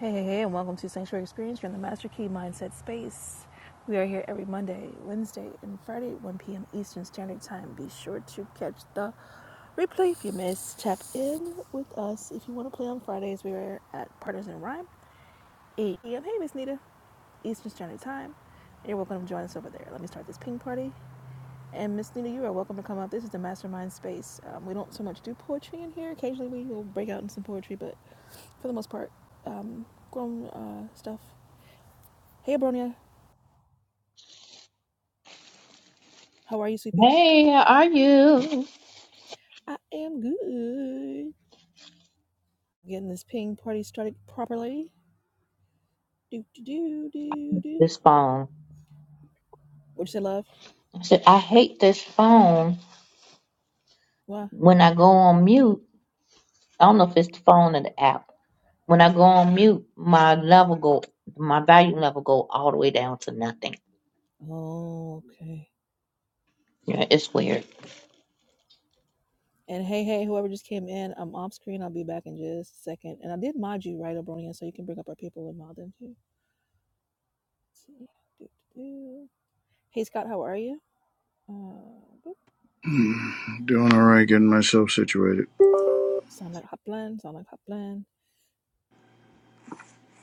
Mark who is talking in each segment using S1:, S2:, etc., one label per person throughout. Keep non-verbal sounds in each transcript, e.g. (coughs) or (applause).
S1: Hey, hey, hey, and welcome to Sanctuary Experience. You're in the Master Key Mindset Space. We are here every Monday, Wednesday, and Friday at 1 p.m. Eastern Standard Time. Be sure to catch the replay if you miss. Tap in with us if you want to play on Fridays. We are at Partners in Rhyme, 8 p.m. Hey, Miss Nita, Eastern Standard Time. And you're welcome to join us over there. Let me start this ping party. And Miss Nita, you are welcome to come up. This is the mastermind space. Um, we don't so much do poetry in here. Occasionally we will break out in some poetry, but for the most part, um, grown uh, stuff Hey, Abronia. How are you, sweetie?
S2: Hey, how are you?
S1: I am good. Getting this ping party started properly. Do, do, do, do, do.
S2: This phone.
S1: What'd you say, love?
S2: I said, I hate this phone.
S1: Why?
S2: When I go on mute, I don't know if it's the phone or the app. When I go on mute, my level go, my value level go all the way down to nothing.
S1: Oh, okay.
S2: Yeah, it's weird.
S1: And hey, hey, whoever just came in, I'm off screen. I'll be back in just a second. And I did mod you, right, Abronia, so you can bring up our people and mod them too. Let's see. Do, do, do. Hey, Scott, how are you? Uh, boop.
S3: Hmm, Doing all right, getting myself situated.
S1: sound like Hopland. Sound like Hopland.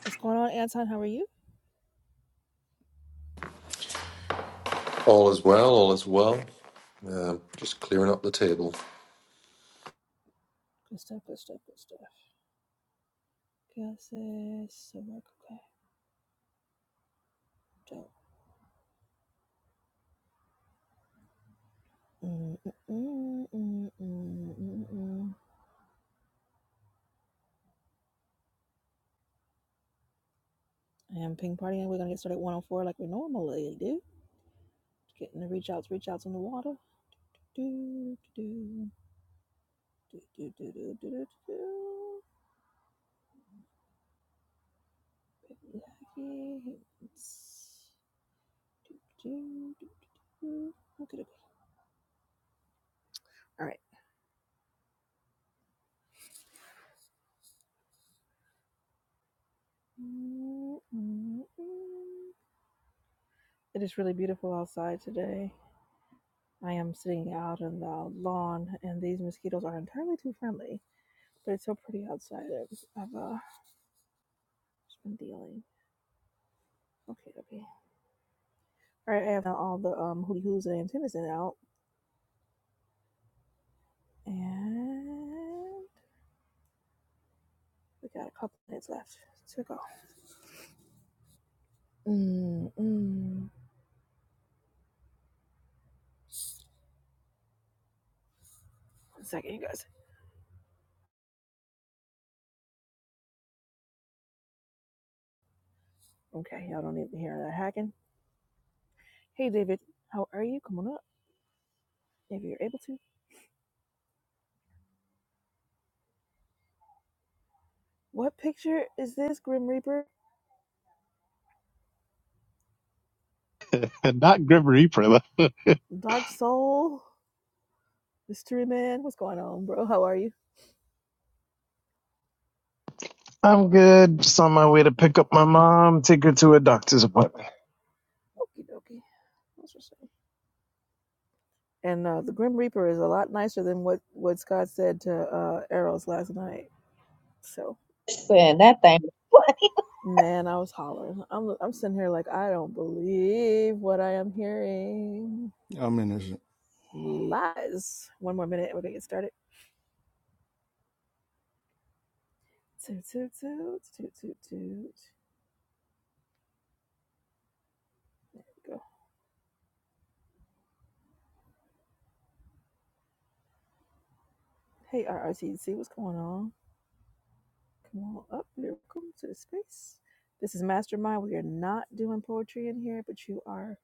S1: What's going on, Anton? How are you?
S4: All is well, all is well. Um just clearing up the table.
S1: Good stuff, good stuff, good stuff. Gases, so work, okay. Dope. Mm, mm, mm, mm, mm, mm, mm. I am ping partying. We're gonna get started at 104 like we normally do. Getting the reach outs, reach outs in the water. Do, do, do, do, do, do, do, do, do, do. Get me the hackies. Do, do, do, do, do, do. Okay, okay. All right. It is really beautiful outside today. I am sitting out on the lawn, and these mosquitoes are entirely too friendly, but it's so pretty outside. I've, uh, just been dealing. Okay, okay. All right, I have all the um, hootie hoos and antennas in out, and we got a couple minutes left to go. Mm, mm. One second, you guys. Okay, y'all don't need to hear that hacking. Hey, David, how are you? Come on up if you're able to. What picture is this, Grim Reaper?
S5: and not Grim Reaper. Like,
S1: Dark Soul, Mystery Man. What's going on, bro? How are you?
S5: I'm good. Just on my way to pick up my mom, take her to a doctor's appointment.
S1: Okie dokie. That's what's up. And uh, the Grim Reaper is a lot nicer than what what Scott said to uh, Arrows last night. So
S2: Saying that thing.
S1: man, I was hollering. I'm I'm sitting here like I don't believe what I am hearing.
S3: I mean, is it,
S1: Lies. One more minute. We're gonna get started. Toot toot toot toot toot toot. Go. Hey RRTC, what's going on? Come on up. Welcome to the space. This is Mastermind. We are not doing poetry in here, but you are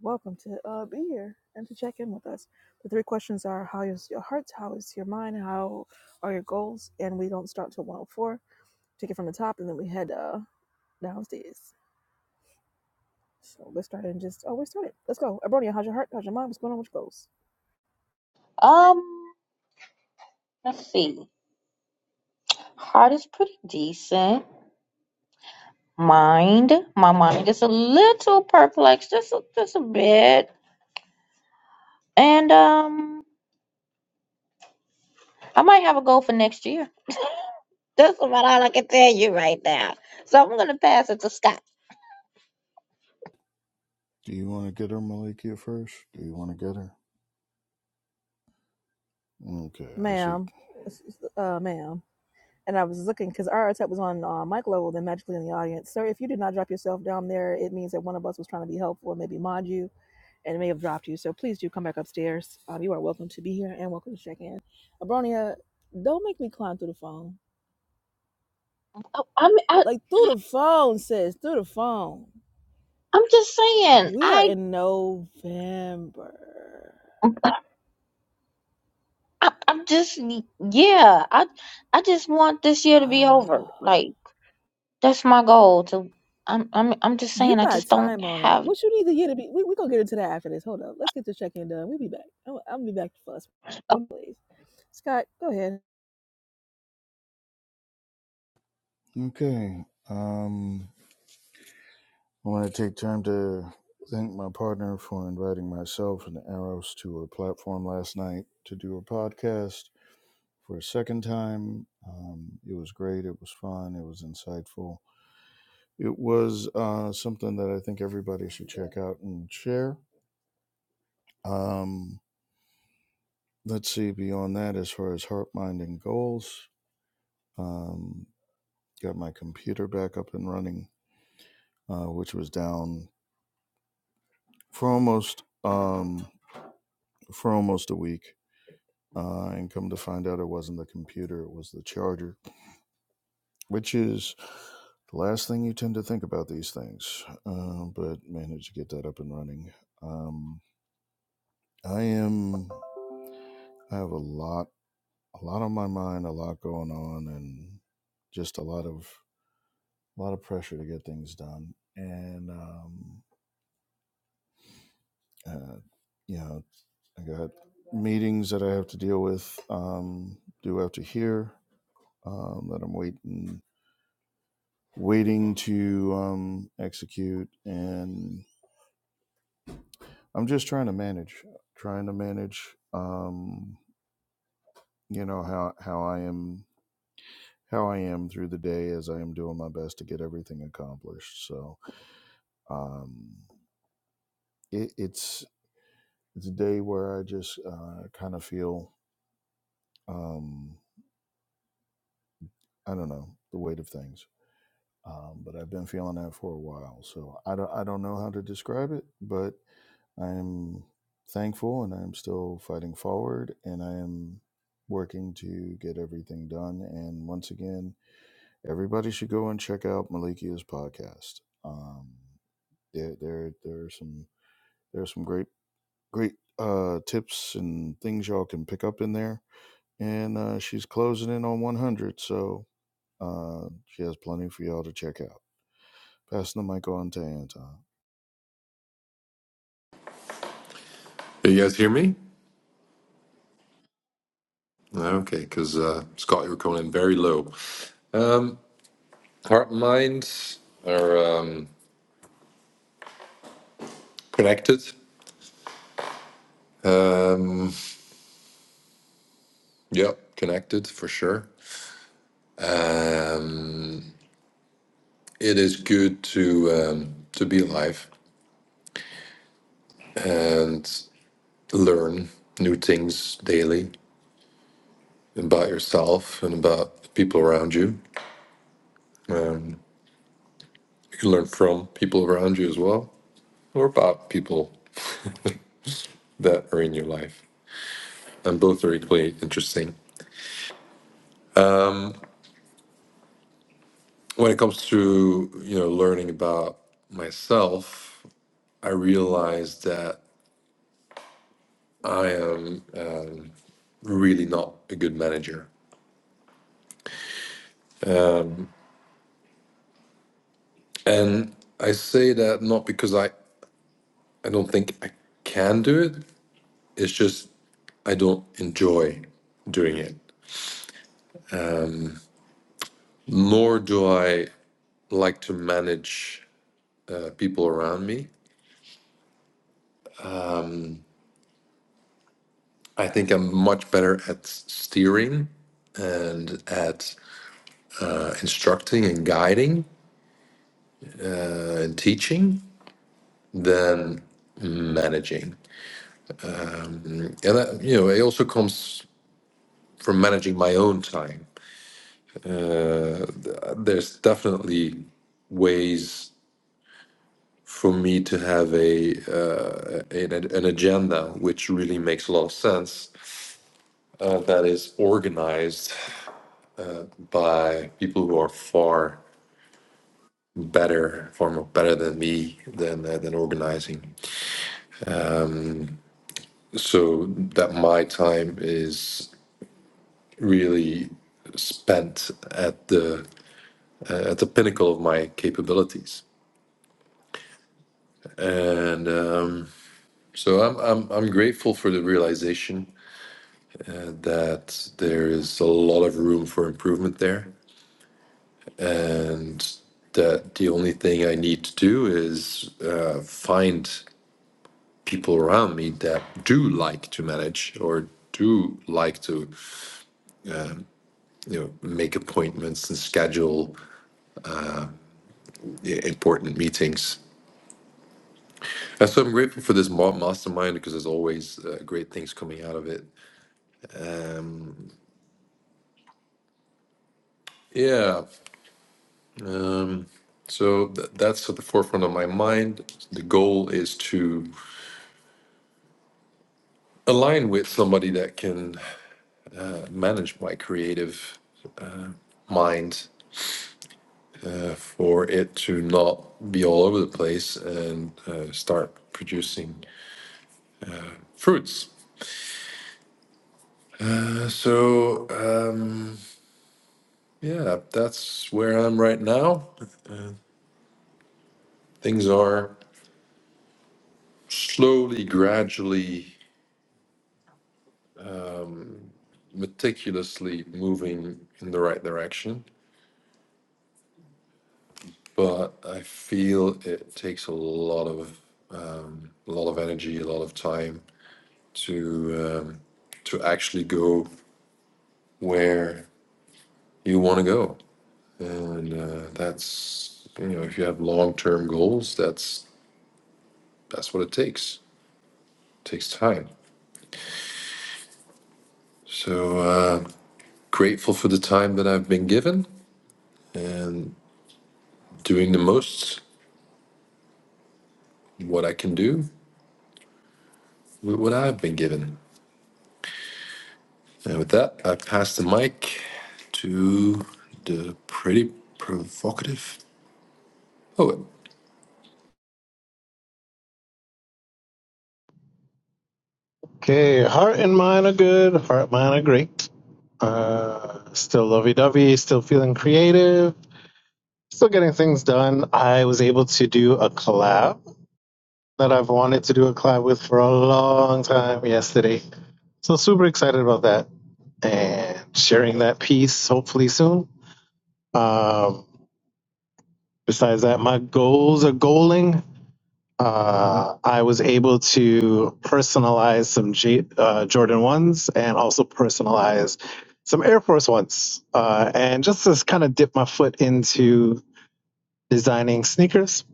S1: welcome to uh, be here and to check in with us. The three questions are how is your heart, how is your mind, how are your goals, and we don't start till 104. Take it from the top, and then we head uh, downstairs. So let's start and just oh, we started. Let's go. Abronia, how's your heart? How's your mind? What's going on with your goals,
S2: Um, let's see. Heart is pretty decent. Mind, my mind is a little perplexed, just a, just a bit. And um, I might have a goal for next year. That's about all I can tell you right now. So I'm gonna pass it to Scott.
S3: do you want to get her, Malikia, first? Do you want to get her? Okay, I see.
S1: ma'am? Uh, ma'am. and I was looking because our attack was on uh, mic level, then magically in the audience. Sir, if you did not drop yourself down there, it means that one of us was trying to be helpful and maybe mod you and may have dropped you. So please do come back upstairs. Um, you are welcome to be here and welcome to check in. Abronia, don't make me climb through the phone.
S2: I- I'm I,
S1: Like through the phone, sis, through the phone.
S2: I'm just saying.
S1: We are
S2: I,
S1: in November.
S2: I I'm just yeah. I I just want this year to be over.
S1: (sighs)
S2: Like that's my goal. To I'm I'm I'm just
S1: You
S2: saying. I
S1: got
S2: just don't
S1: time on it.
S2: have.
S1: What you need to get to be? We're we gonna get into that after this. Hold up. Let's get the check in done. We'll be back. I'm, I'm be back for us. One please. Scott, go ahead.
S3: Okay, um, I want to take time to thank my partner for inviting myself and Eros to her platform last night to do her podcast for a second time. Um, it was great. It was fun. It was insightful. It was uh, something that I think everybody should check out and share. Um, let's see beyond that as far as heart mind and goals um, got my computer back up and running uh, which was down for almost um, for almost a week uh, and come to find out it wasn't the computer it was the charger which is the last thing you tend to think about these things uh, but managed to get that up and running um, i am i have a lot a lot on my mind a lot going on and just a lot of a lot of pressure to get things done and um, uh, you know i got meetings that i have to deal with um, due after here um, that i'm waiting waiting to um, execute and i'm just trying to manage trying to manage um, you know how how i am how i am through the day as i am doing my best to get everything accomplished so um, it, it's it's a day where i just uh, kind of feel Um, I don't know the weight of things, um, but I've been feeling that for a while. So I don't, I don't know how to describe it, but I am thankful and I am still fighting forward and I am working to get everything done. And once again, everybody should go and check out Malikia's podcast. Um, there, there, there are some, there are some great, great uh, tips and things y'all can pick up in there. And uh, she's closing in on 100, so Uh, she has plenty for y'all to check out. Passing the mic on to Anton.
S4: Can you guys hear me? No? Okay, because uh, Scott, you were coming in very low. Um, heart and mind are um, connected. Um, yep, connected for sure. Um, it is good to um, to be alive and learn new things daily about yourself and about the people around you. You can learn from people around you as well, or about people that are in your life and both are equally interesting when it comes to you know learning about myself i realized that i am really not a good manager and i say that not because i i don't think i can do it it's just i don't enjoy doing it nor do i like to manage uh, people around me i think i'm much better at steering and at instructing and guiding and teaching than managing. And that, you know, it also comes from managing my own time. There's definitely ways for me to have a uh, an, an agenda which really makes a lot of sense uh, that is organized by people who are far better far more better than me than uh, than organizing so that my time is really spent at the at the pinnacle of my capabilities. And um, so I'm, I'm, I'm grateful for the realization uh, that there is a lot of room for improvement there. And that the only thing I need to do is uh, find people around me that do like to manage or do like to you know make appointments and schedule yeah, important meetings and so i'm grateful for this ma- mastermind because there's always uh, great things coming out of it yeah Um, so th- that's at the forefront of my mind. The goal is to align with somebody that can uh, manage my creative mind for it to not be all over the place and uh, start producing fruits. Uh, So, um, yeah, that's where I'm right now. Things are slowly, gradually, meticulously moving in the right direction. but I feel it takes a lot of um, a lot of energy, a lot of time to um, to actually go where you want to go, and uh, that's you know if you have long term goals, that's that's what it takes. It takes time. So uh, grateful for the time that I've been given and doing the most what I can do with what I've been given. And with that, I pass the mic to the pretty provocative poet.
S5: Okay, heart and mind are good. Heart and mind are great. Uh, still lovey dovey, still feeling creative, still getting things done. I was able to do a collab that I've wanted to do a collab with for a long time yesterday. So, super excited about that and sharing that piece hopefully soon. Um, besides that, my goals are goaling. Uh, I was able to personalize some J- uh, Jordan 1s and also personalize some Air Force 1s. Uh, and just to kind of dip my foot into designing sneakers,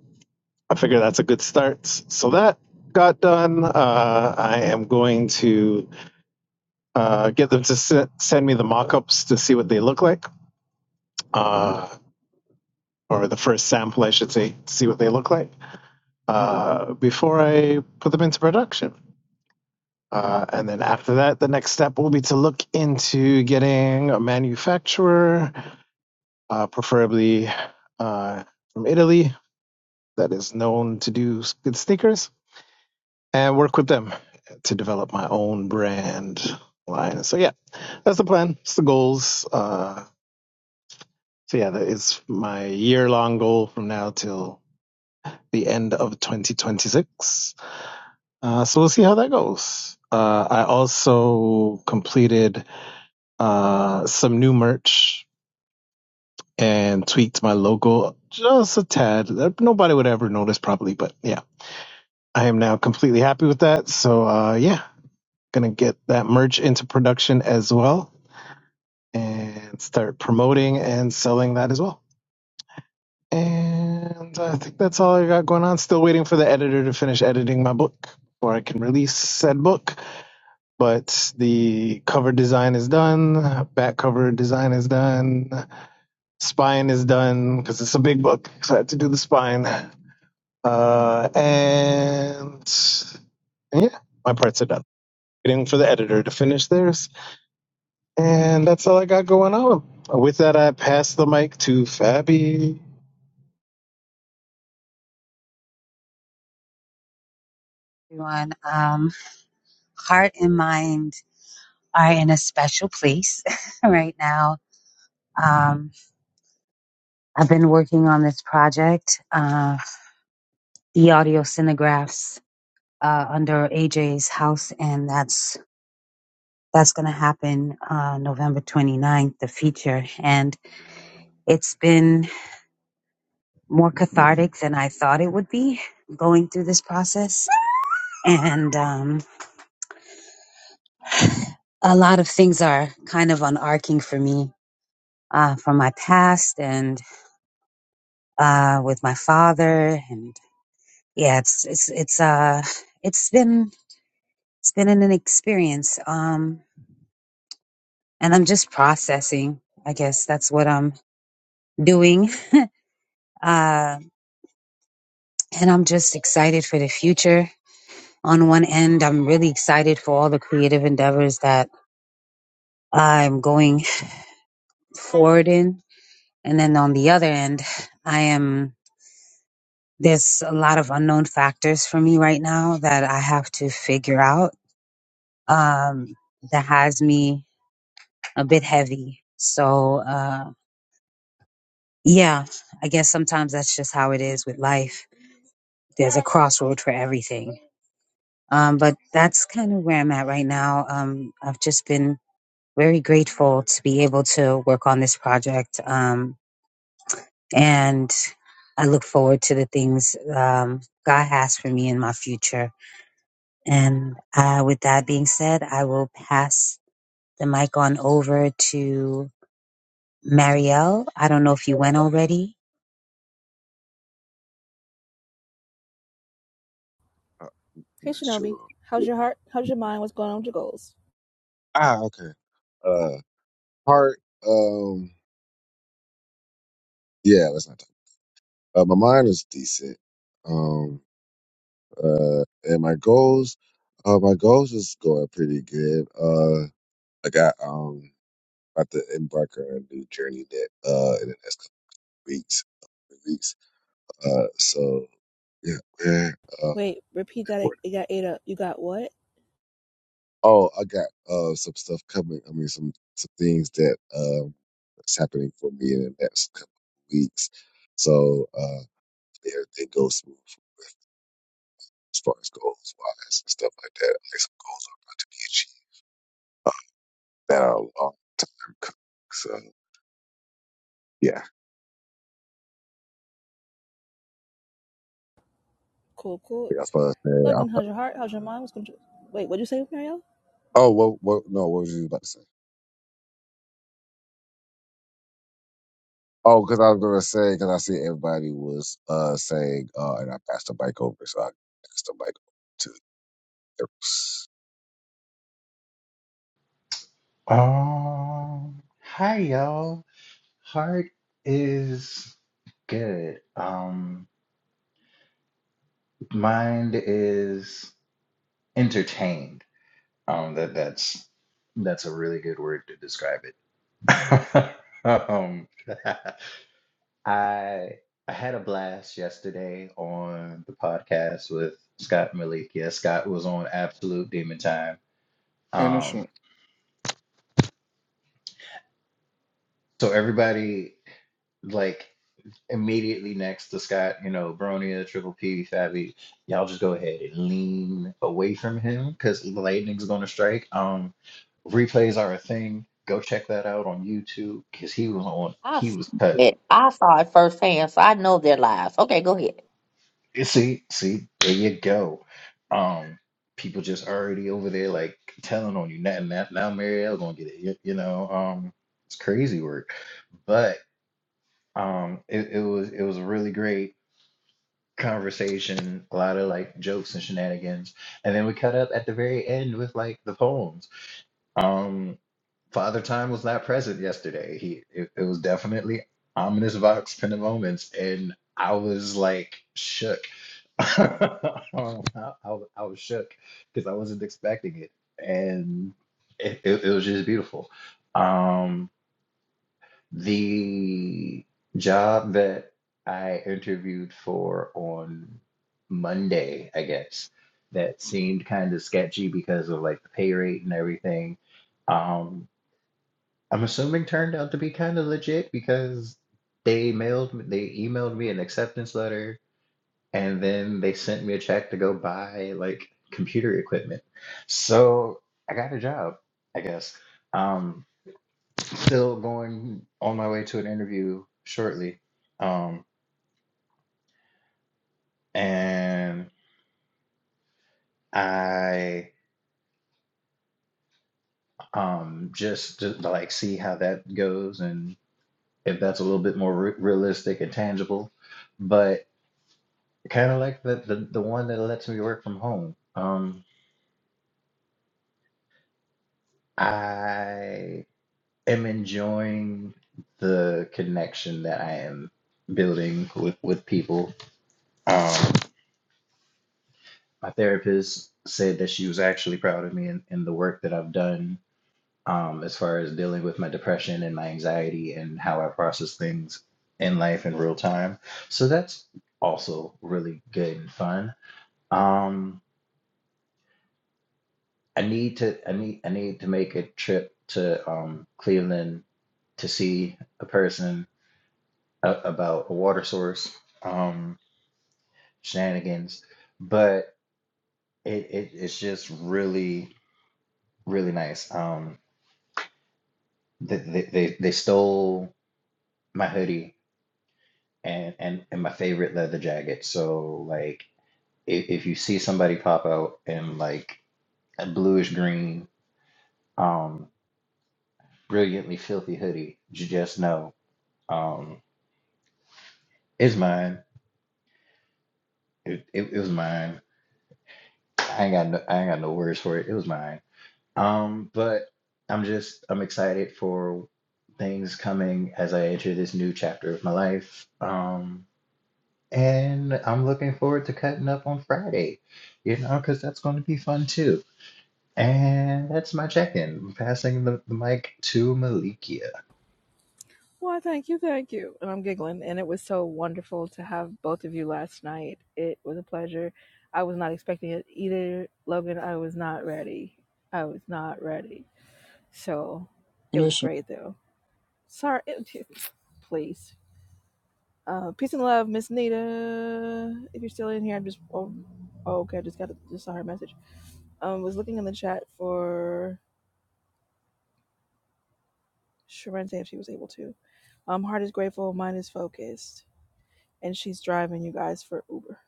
S5: I figure that's a good start. So that got done. Uh, I am going to uh, get them to se- send me the mock ups to see what they look like, uh, or the first sample, I should say, to see what they look like uh, before I put them into production. Uh, and then after that, the next step will be to look into getting a manufacturer, uh, preferably uh, from Italy, that is known to do good sneakers, and work with them to develop my own brand line. So, yeah, that's the plan. It's the goals. Uh, so, yeah, that is my year long goal from now till the end of 2026. Uh, so, we'll see how that goes. Uh, I also completed uh, some new merch and tweaked my logo just a tad. Nobody would ever notice probably, but yeah, I am now completely happy with that. So uh, yeah, gonna get that merch into production as well and start promoting and selling that as well. And I think that's all I got going on. Still waiting for the editor to finish editing my book before I can release said book. But the cover design is done, back cover design is done, Spine is done because it's a big book, so I had to do the spine. Uh, and yeah, my parts are done. Waiting for the editor to finish theirs, and that's all I got going on. With that, I pass the mic to Fabi.
S6: everyone. Um, heart and mind are in a special place (laughs) right now. Um, I've been working on this project, uh, the audio cinegraphs, uh, under AJ's house, and that's that's going to happen uh, November 29th, the feature. And it's been more cathartic than I thought it would be going through this process. And um, a lot of things are kind of unarcing for me uh, from my past. and. uh, with my father, and yeah, it's it's it's uh it's been it's been an experience. Um, and I'm just processing. I guess that's what I'm doing. Uh, and I'm just excited for the future. On one end, I'm really excited for all the creative endeavors that I'm going forward in, and then on the other end, I am. There's a lot of unknown factors for me right now that I have to figure out. Um, that has me a bit heavy. So, uh, yeah, I guess sometimes that's just how it is with life. There's a crossroad for everything. Um, but that's kind of where I'm at right now. Um, I've just been very grateful to be able to work on this project. Um, and I look forward to the things, um, God has for me in my future. And, uh, with that being said, I will pass the mic on over to Marielle. I don't know if you went already.
S7: I'm
S1: Hey,
S7: not
S1: Shinobi.
S7: sure.
S1: How's your heart? How's your mind? What's going on with your goals?
S7: Ah, okay. Uh, heart. Um, yeah, let's not talk. Uh, my mind is decent. Um, uh, and my goals. Uh, my goals is going pretty good. Uh, I got um about to embark on a new journey that uh in the next couple weeks, weeks. Uh, so yeah, man. Uh,
S1: Wait, repeat that. It, it got ate up. You got what?
S7: Oh, I got uh some stuff coming. I mean, some some things that um that's happening for me in the next couple of weeks. So uh, if everything goes smooth as far as goals wise and stuff like that. Like some goals are about to be achieved uh, that are long coming. So yeah, I
S1: Cool, cool.
S7: think that's what I said.
S1: Logan,
S7: I,
S1: how's your heart? How's your mind? What's going on? Wait, what'd you say, Marielle?
S7: oh, what what? No, what was you about to say? Oh, because I was gonna say because I see everybody was uh saying uh, and I passed the bike over, so I passed the bike over to.
S8: Um, hi y'all. Heart is good. Um, mind is entertained. Um, that that's that's a really good word to describe it. (laughs) Um, (laughs) I I had a blast yesterday on the podcast with Scott Malik. Yeah, Scott was on Absolute Demon Time. Um, so everybody like. immediately next to Scott, you know, Bronya, Triple P, Fabi, y'all just go ahead and lean away from him because lightning's gonna strike. Um, replays are a thing. Go check that out on YouTube because he was on.
S2: I
S8: He
S2: s-
S8: was cut.
S2: it. I saw it firsthand, so I know their lies. Okay, go ahead.
S8: You See, see, there you go. Um, people just already over there like telling on you. Now, now, now Marielle gonna get it. You, you know, um, it's crazy work, but um, it, it was it was really great conversation, a lot of like jokes and shenanigans. And then we cut up at the very end with like the poems. Um, Father Time was not present yesterday. He it, it was definitely ominous vox pen moments, and I was like shook. (laughs) I, I, I was shook because I wasn't expecting it, and it, it, it was just beautiful. Um. The job that I interviewed for on Monday, I guess, that seemed kind of sketchy because of like the pay rate and everything. Um, I'm assuming turned out to be kind of legit because they mailed me, they emailed me an acceptance letter and then they sent me a check to go buy like computer equipment. So I got a job, I guess. Um, still going on my way to an interview shortly. Um, and I um, just, just like see how that goes and if that's a little bit more re- realistic and tangible. But kind of like the, the, the one that lets me work from home. Um, I am enjoying the connection that I am building with, with people. Um, my therapist said that she was actually proud of me and, and the work that I've done um, as far as dealing with my depression and my anxiety and how I process things in life in real time. So that's also really good and fun. Um, I need to I need I need to make a trip to um, Cleveland to see a person a- about a water source um, shenanigans, but it, it it's just really really nice. Um, They, they they they stole my hoodie and and and my favorite leather jacket. So like if if you see somebody pop out in like a bluish green, um, brilliantly filthy hoodie, you just know, um, it's mine. It, it it was mine. I ain't got no I ain't got no words for it. It was mine. Um, but I'm just I'm excited for things coming as I enter this new chapter of my life. Um And I'm looking forward to cutting up on Friday, you know, because that's going to be fun too. And that's my check in. I'm passing the, the mic to Malikia.
S1: Why, thank you, thank you. And I'm giggling. And it was so wonderful to have both of you last night. It was a pleasure. I was not expecting it either, Logan. I was not ready. I was not ready. So it was
S3: Listen,
S1: great though. Sorry, (laughs) it, please. Uh, peace and love, Miss Nita. If you're still in here, I'm just. Oh, oh, okay. I just got a, just saw her message. Um, was looking in the chat for Sharente if she was able to. Um, heart is grateful, mind is focused, and she's driving you guys for Uber.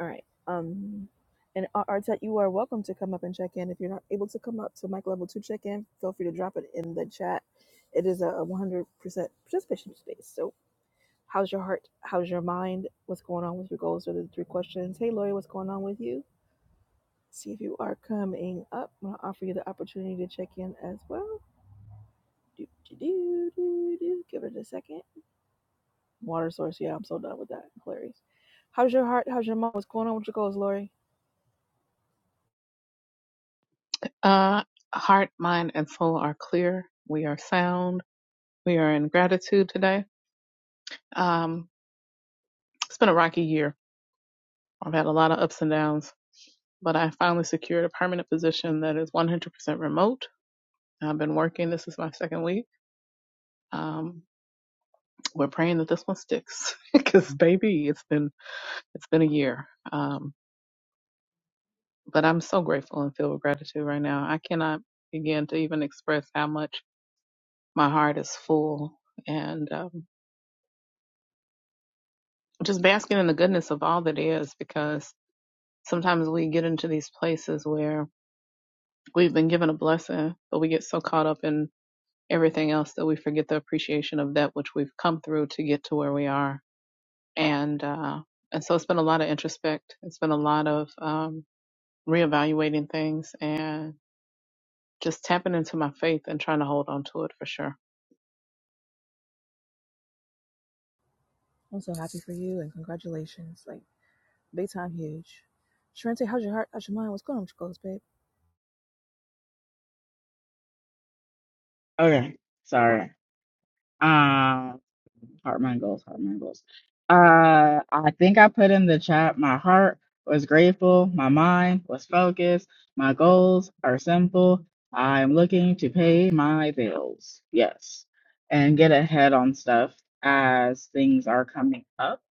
S1: All right. Um, and Ar- Artet, you are welcome to come up and check in. If you're not able to come up to mic level two check in, feel free to drop it in the chat. It is a 100% participation space, so How's your heart? How's your mind? What's going on with your goals? Are the three questions. Hey, Lori, what's going on with you? See if you are coming up. I'm going to offer you the opportunity to check in as well. Do, do, do, do, do. Give it a second. Water source. Yeah, I'm so done with that. Hilarious. How's your heart? How's your mind? What's going on with your goals, Lori?
S9: Uh, heart, mind, and soul are clear. We are sound. We are in gratitude today. Um, it's been a rocky year. I've had a lot of ups and downs, but I finally secured a permanent position that is 100% remote. I've been working. This is my second week. Um, we're praying that this one sticks (laughs) because baby, it's been, it's been a year. Um, but I'm so grateful and filled with gratitude right now. I cannot begin to even express how much my heart is full. And, um, just basking in the goodness of all that is because sometimes we get into these places where we've been given a blessing, but we get so caught up in everything else that we forget the appreciation of that which we've come through to get to where we are. And uh, and so it's been a lot of introspect. It's been a lot of um, reevaluating things and just tapping into my faith and trying to hold on to it for sure.
S1: I'm so happy for you and congratulations. Like, big time huge. Sharente, how's your heart? How's your mind? What's going on with your goals, babe?
S10: Okay, sorry. Um, heart mine goals, heart mine goals. Uh, I think I put in the chat. My heart was grateful. My mind was focused. My goals are simple. I'm looking to pay my bills. Yes, and get ahead on stuff as things are coming up.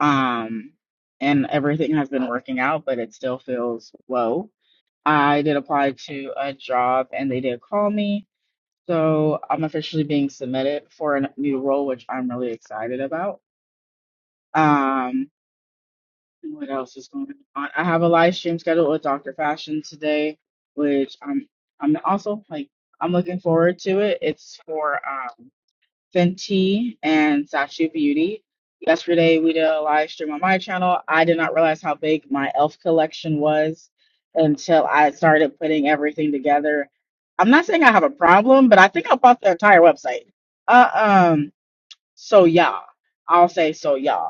S10: Um, and everything has been working out, but it still feels low. I did apply to a job and they did call me so I'm officially being submitted for a new role, which I'm really excited about. Um, what else is going on? I have a live stream scheduled with Dr. Fashion today, which I'm I'm also like I'm looking forward to it. It's for um Fenty and Sachi Beauty. Yesterday, we did a live stream on my channel. I did not realize how big my e.l.f. collection was until I started putting everything together. I'm not saying I have a problem, but I think I bought the entire website. Uh, um, so yeah, I'll say so yeah.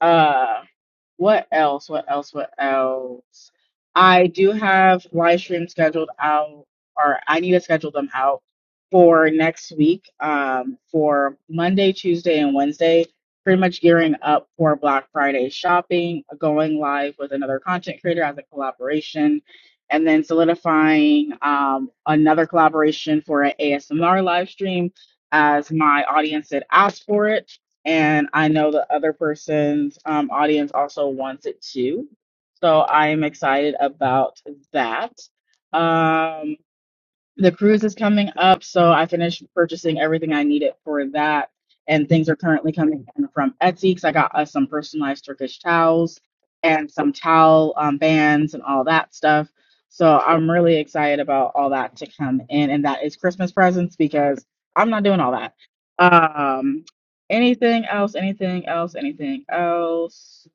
S10: Uh, what else? What else? What else? I do have live streams scheduled out, or I need to schedule them out for next week, um, for Monday, Tuesday, and Wednesday. Pretty much gearing up for Black Friday shopping, going live with another content creator as a collaboration, and then solidifying um, another collaboration for an ASMR live stream as my audience had asked for it and I know the other person's um, audience also wants it too. So I am excited about that. Um, the cruise is coming up, so I finished purchasing everything I needed for that. And things are currently coming in from Etsy because I got us some personalized Turkish towels and some towel um, bands and all that stuff. So I'm really excited about all that to come in, and that is Christmas presents because I'm not doing all that. Um, anything else? Anything else? Anything else?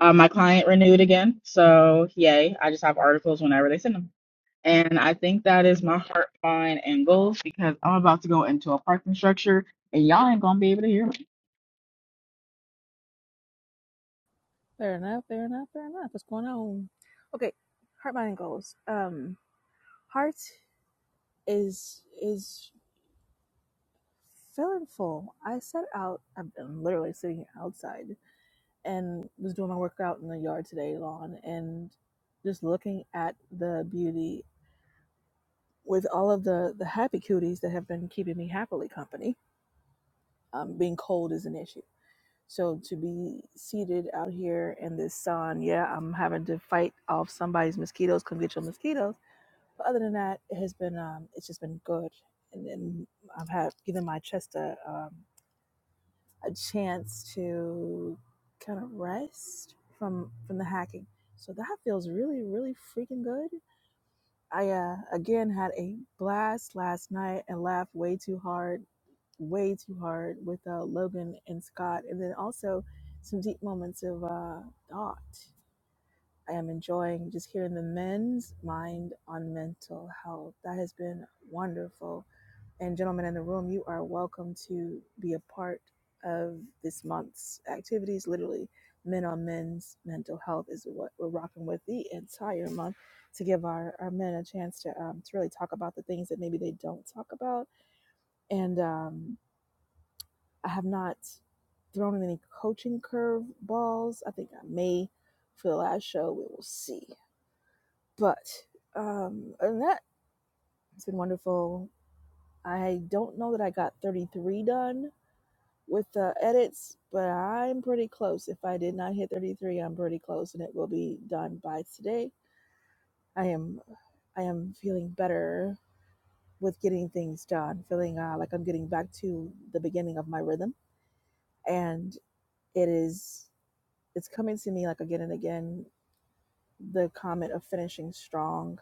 S10: Uh, my client renewed again, so yay! I just have articles whenever they send them. And I think that is my heart, mind, and goals because I'm about to go into a parking structure and y'all ain't gonna be able to hear me.
S1: Fair enough, fair enough, fair enough. What's going on? Okay, heart, mind, and goals. Um, heart. is is feeling full. I set out. I'm I'm literally sitting outside and was doing my workout in the yard today, lawn, and just looking at the beauty with all of the the happy cuties that have been keeping me happily company. Um, being cold is an issue. So to be seated out here in this sun, yeah, I'm having to fight off somebody's mosquitoes. Come get your mosquitoes. But other than that, it has been um, it's just been good, and then I've had given my chest a um, a chance to kind of rest from from the hacking. So that feels really really freaking good. I uh, again had a blast last night and laughed way too hard, way too hard with uh, Logan and Scott, and then also some deep moments of uh, thought. I am enjoying just hearing the men's mind on mental health. That has been wonderful and gentlemen in the room, you are welcome to be a part of this month's activities. Literally, Men on Men's Mental Health is what we're rocking with the entire month to give our, our men a chance to, um, to really talk about the things that maybe they don't talk about. And um, I have not thrown in any coaching curve balls. I think I may for the last show. We will see. But um, other than that, it's been wonderful. I don't know that I got 33 done with the edits, but I'm pretty close. If I did not hit 33, I'm pretty close, and it will be done by today. I am, I am feeling better with getting things done. Feeling uh, like I'm getting back to the beginning of my rhythm, and it is, it's coming to me like again and again. The comment of finishing strong,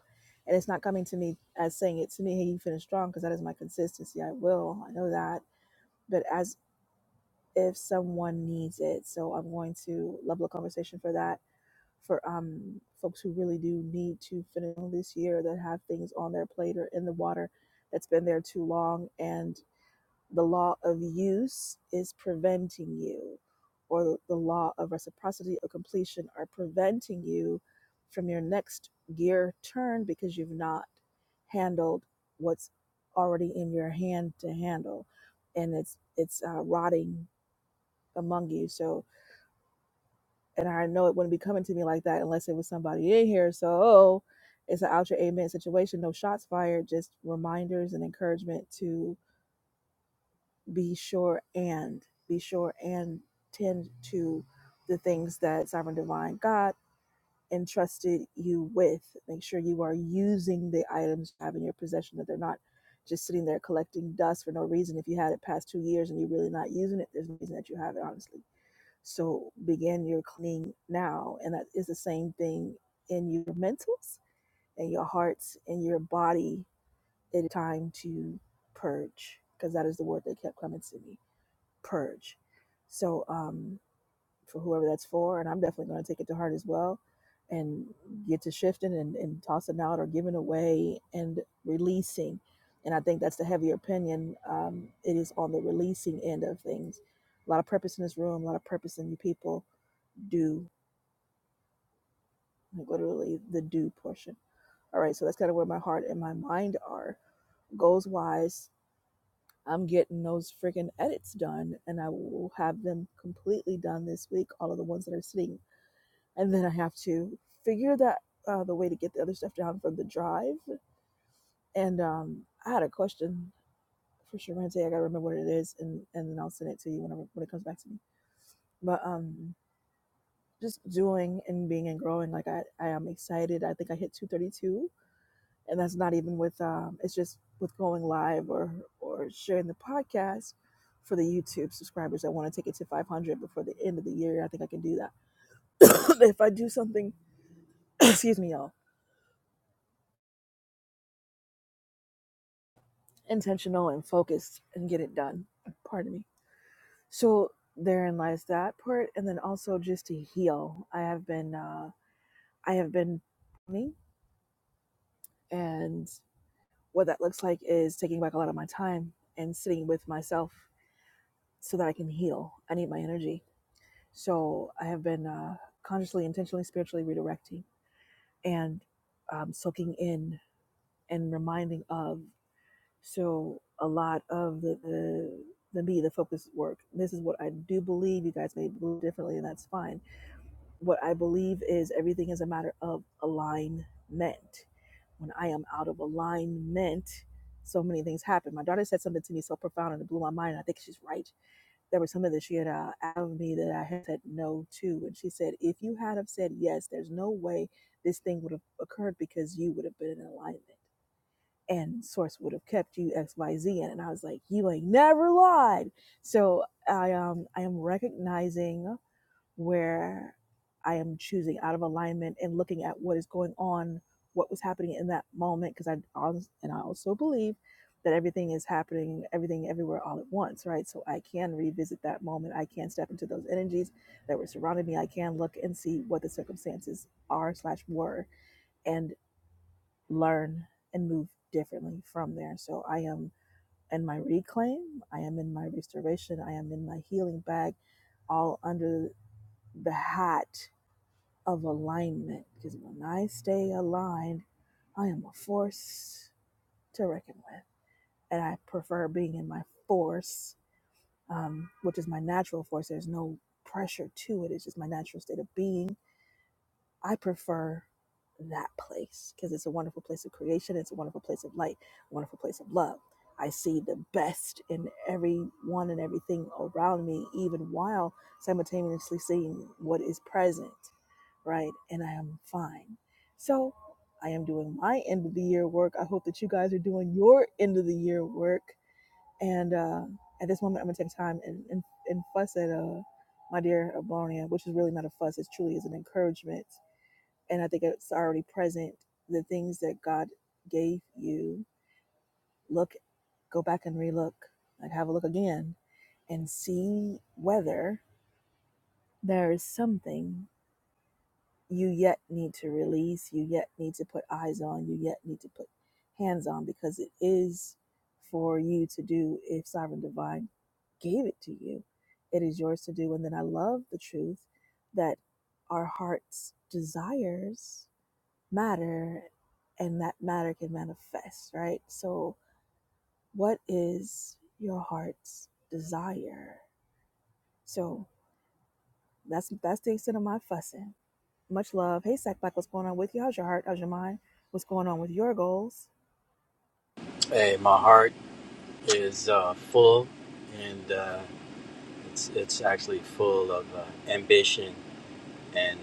S1: and it's not coming to me as saying it to me. Hey, you finished strong because that is my consistency. I will. I know that. But as if someone needs it. So I'm going to level a conversation for that for um folks who really do need to finish this year that have things on their plate or in the water that's been there too long and the law of use is preventing you or the law of reciprocity or completion are preventing you from your next gear turn because you've not handled what's already in your hand to handle and it's it's uh, rotting among you. So, and I know it wouldn't be coming to me like that unless it was somebody in here. So, oh, it's an out your amen situation. No shots fired, just reminders and encouragement to be sure and be sure and tend to the things that sovereign divine God entrusted you with. Make sure you are using the items you have in your possession, that they're not just sitting there collecting dust for no reason. If you had it past two years and you're really not using it, there's no reason that you have it, honestly So begin your cleaning now. And that is the same thing in your mentals and your hearts and your body. It is time to purge because that is the word that kept coming to me purge. So, um, for whoever that's for, and I'm definitely going to take it to heart as well and get to shifting and, and tossing out or giving away and releasing. And I think that's the heavier opinion. Um, it is on the releasing end of things. A lot of purpose in this room, a lot of purpose in you people do, like literally the do portion. All right, so that's kind of where my heart and my mind are. Goals wise, I'm getting those freaking edits done and I will have them completely done this week, all of the ones that are sitting. And then I have to figure that uh, the way to get the other stuff down from the drive. And um, I had a question for Sharente. I gotta remember what it is and, and then I'll send it to you whenever when it comes back to me. But um just doing and being and growing, like I, I am excited. I think I hit 232 and that's not even with um, it's just with going live or or sharing the podcast for the YouTube subscribers that want to take it to 500 before the end of the year. I think I can do that (coughs) if I do something. (coughs) excuse me, y'all. Intentional and focused and get it done. Pardon me. So therein lies that part, and then also just to heal. I have been uh, I have been me, and what that looks like is taking back a lot of my time and sitting with myself so that I can heal. I need my energy So I have been uh, consciously, intentionally, spiritually redirecting and um, soaking in and reminding of. So a lot of the, the the me, the focus work. This is what I do believe. You guys may believe differently, and that's fine. What I believe is everything is a matter of alignment. When I am out of alignment, so many things happen. My daughter said something to me so profound and it blew my mind. I think she's right there was something that she had uh, out of me that I had said no to. And she said, if you had have said yes, there's no way this thing would have occurred because you would have been in alignment and source would have kept you X, Y, Z in. And I was like, you ain't never lied. So I, um, I am recognizing where I am choosing out of alignment and looking at what is going on, what was happening in that moment, because I honest- and I also believe that everything is happening, everything everywhere all at once, right? So I can revisit that moment. I can step into those energies that were surrounding me. I can look and see what the circumstances are slash were and learn and move differently from there. So I am in my reclaim, I am in my restoration, I am in my healing bag, all under the hat of alignment. Because when I stay aligned, I am a force to reckon with. And I prefer being in my force, um, which is my natural force. There's no pressure to it, it's just my natural state of being I prefer that place because it's a wonderful place of creation. It's a wonderful place of light, a wonderful place of love. I see the best in everyone and everything around me, even while simultaneously seeing what is present, right? And I am fine. So I am doing my end of the year work. I hope that you guys are doing your end of the year work. And uh, at this moment, I'm going to take time and, and, and fuss at uh, my dear Abronia, which is really not a fuss. It truly is an encouragement and I think it's already present. The things that God gave you, look, go back and relook, like have a look again, and see whether there is something you yet need to release, you yet need to put eyes on, you yet need to put hands on, because it is for you to do if Sovereign Divine gave it to you. It is yours to do. And then I love the truth that our hearts desires matter and that matter can manifest, right? So, what is your heart's desire? So, that's that's the extent of my fussing. Much love. Hey, Sackback, what's going on with you? How's your heart? How's your mind? What's going on with your goals?
S11: Hey, my heart is uh, full, and uh, it's it's actually full of uh, ambition and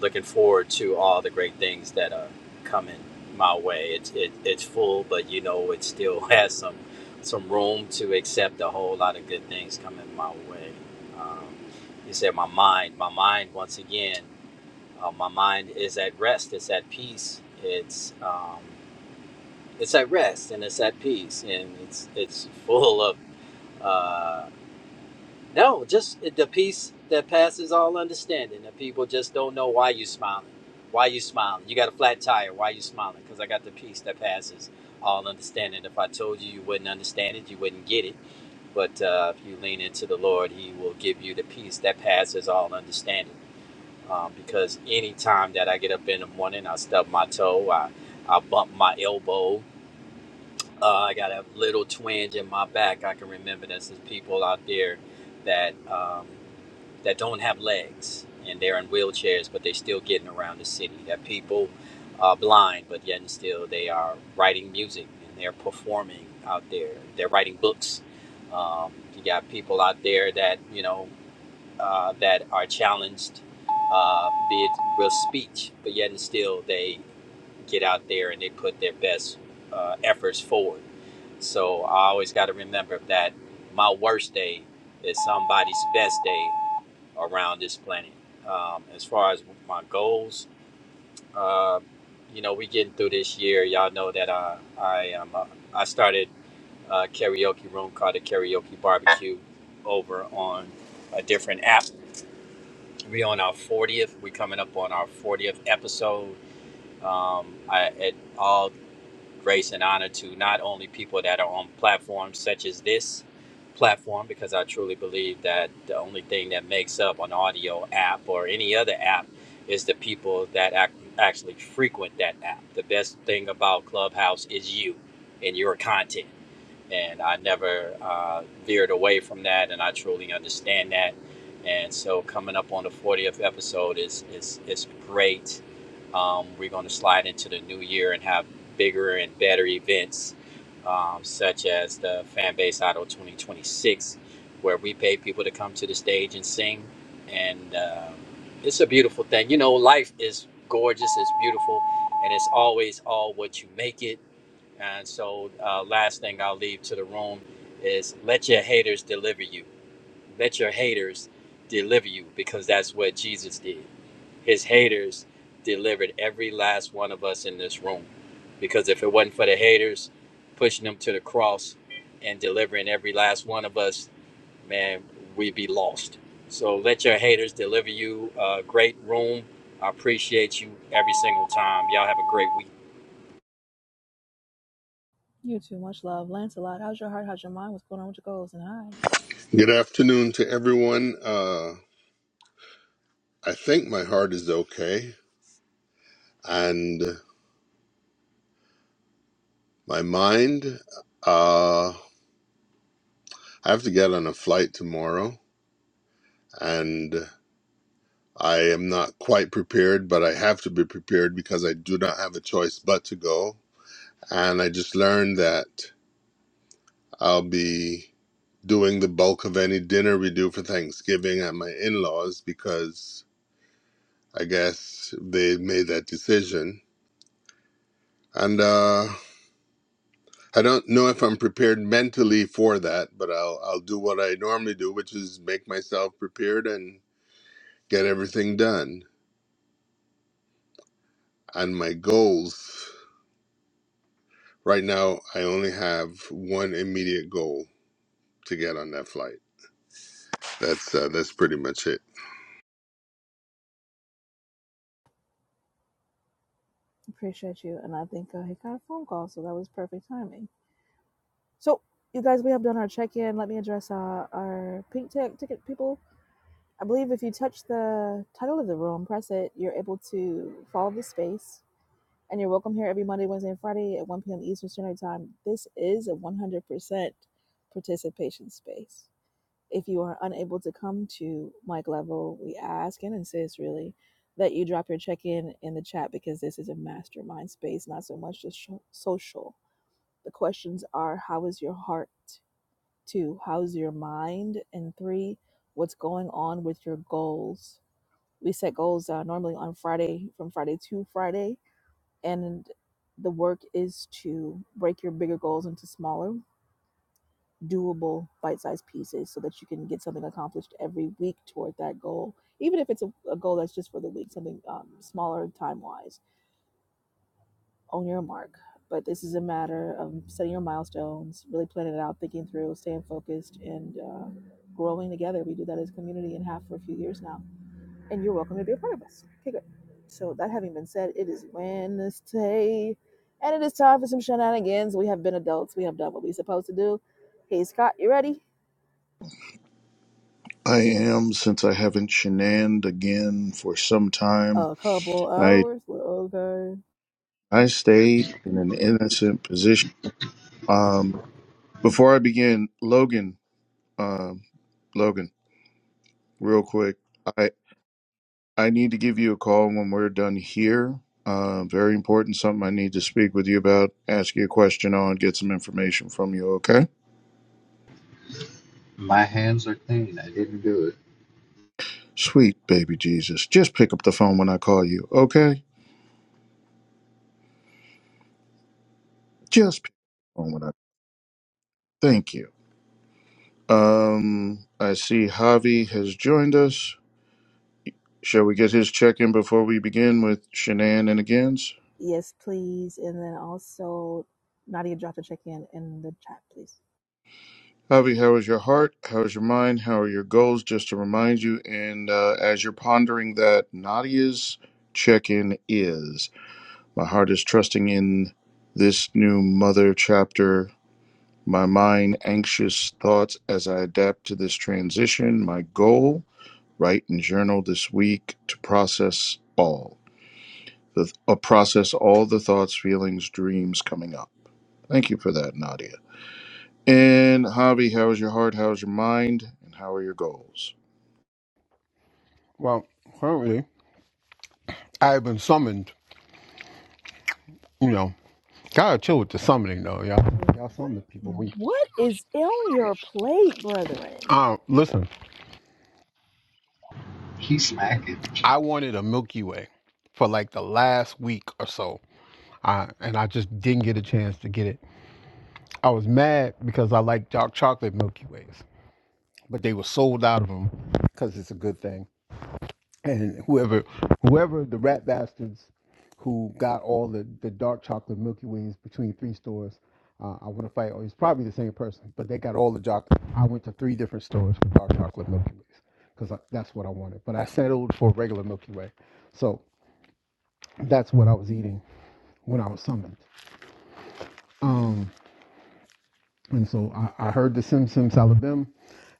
S11: looking forward to all the great things that are coming my way. It's it, it's full, but you know it still (laughs) has some some room to accept a whole lot of good things coming my way. Um, you said my mind, my mind once again, uh, my mind is at rest. It's at peace. It's um, it's at rest and it's at peace and it's it's full of uh no just the peace that passes all understanding that people just don't know why you smiling why you smiling you got a flat tire why you smiling because i got the peace that passes all understanding if i told you you wouldn't understand it you wouldn't get it but uh, if you lean into the lord he will give you the peace that passes all understanding um, because any time that i get up in the morning i stub my toe i, I bump my elbow uh, I got a little twinge in my back. I can remember that there's people out there that um, that don't have legs and they're in wheelchairs, but they're still getting around the city. That people are blind, but yet and still they are writing music and they're performing out there. They're writing books. Um, you got people out there that you know uh, that are challenged, uh, be it with speech, but yet and still they get out there and they put their best uh, efforts forward so I always got to remember that my worst day is somebody's best day around this planet. Um, as far as my goals, uh, you know, we getting through this year. Y'all know that uh, I am. Uh, I started a karaoke room called the Karaoke Barbecue over on a different app. We on our 40th. We coming up on our 40th episode. Um, I at all grace and honor to not only people that are on platforms such as this platform, because I truly believe that the only thing that makes up an audio app or any other app is the people that ac- actually frequent that app. The best thing about Clubhouse is you and your content. And I never uh, veered away from that, and I truly understand that. And so, coming up on the 40th episode is is is great um, we're going to slide into the new year and have bigger and better events, um, such as the Fanbase Idol 2026, where we pay people to come to the stage and sing. And um it's a beautiful thing. You know, life is gorgeous, it's beautiful, and it's always all what you make it. And so, uh, last thing I'll leave to the room is let your haters deliver you. Let your haters deliver you because that's what Jesus did his haters delivered every last one of us in this room. Because if it wasn't for the haters pushing them to the cross and delivering every last one of us, man, we'd be lost. So let your haters deliver you a great room. I appreciate you every single time. Y'all have a great week.
S1: You too. Much love. Lancelot, how's your heart? How's your mind? What's going on with your goals? And I
S12: Good afternoon to everyone. Uh, I think my heart is okay and my mind. Uh, I have to get on a flight tomorrow and I am not quite prepared, but I have to be prepared because I do not have a choice but to go. And I just learned that I'll be doing the bulk of any dinner we do for Thanksgiving at my in laws because I guess they made that decision. And uh, I don't know if I'm prepared mentally for that, but I'll I'll do what I normally do, which is make myself prepared and get everything done. And my goals right now, I only have one immediate goal to get on that flight. That's uh, that's pretty much it.
S1: appreciate you. And I think uh, he got a phone call, so that was perfect timing. So, you guys, we have done our check in. Let me address uh, our pink tech ticket people. I believe if you touch the title of the room, press it, you're able to follow the space. And you're welcome here every Monday, Wednesday, and Friday at 1 p.m. Eastern Standard Time. This is a 100% participation space. If you are unable to come to mic level, we ask and insist really that you drop your check in in the chat because this is a mastermind space, not so much just sho- social. The questions are how is your heart? Two, how's your mind? And three, what's going on with your goals? we set goals uh, normally on Friday, from Friday to Friday. And the work is to break your bigger goals into smaller, doable, bite sized pieces so that you can get something accomplished every week toward that goal. Even if it's a, a goal that's just for the week, something um, smaller time wise, own your mark. But this is a matter of setting your milestones, really planning it out, thinking through, staying focused, and uh, growing together. We do that as a community and have for a few years now and you're welcome to be a part of us. Okay, good. So that having been said, it is Wednesday, and it is time for some shenanigans. We have been adults. We have done what we're supposed to do. Hey, Scott, you ready?
S3: I am since I haven't shenaned again for some time.
S1: A couple
S3: I
S1: hours. Well, okay.
S3: I stay in an innocent position. Um, before I begin, Logan, um, Logan, real quick, I I need to give you a call when we're done here. Uh, very important, something I need to speak with you about, ask you a question on, get some information from you. Okay.
S8: My hands are clean. I didn't do it.
S3: Sweet baby Jesus, just pick up the phone when I call you, okay? Just pick up the phone when I. Thank you. Um, I see Javi has joined us. Shall we get his check in before we begin with Shanann and agains?
S1: Yes, please. And then also, Nadia, drop the check in in the chat, please.
S3: Javi, how is your heart? How is your mind? How are your goals? Just to remind you, and uh, as you're pondering that, Nadia's check in is my heart is trusting in this new mother chapter my mind anxious thoughts as I adapt to this transition. My goal write and journal this week to process all the uh, process all the thoughts, feelings, dreams coming up. Thank you for that, Nadia. And Javi, how is your heart? How's your mind? And how are your goals?
S13: Well, currently, I've been summoned. You know, gotta chill with the summoning though, y'all. Y'all summon people. We
S1: What is on your plate, brethren?
S13: uh, listen.
S8: He's smacking.
S13: I wanted a Milky Way for like the last week or so, I, and I just didn't get a chance to get it. I was mad because I like dark chocolate Milky Ways, but they were sold out of them because it's a good thing. and whoever whoever the rat bastards who got all the, the dark chocolate Milky Ways between three stores, uh, I want to fight. Or it's probably the same person, but they got all the chocolate. I went to three different stores for dark chocolate Milky Ways because that's what I wanted. But I settled for regular Milky Way, so that's what I was eating when I was summoned. Um, And so I, I heard the Sim Sim Salabim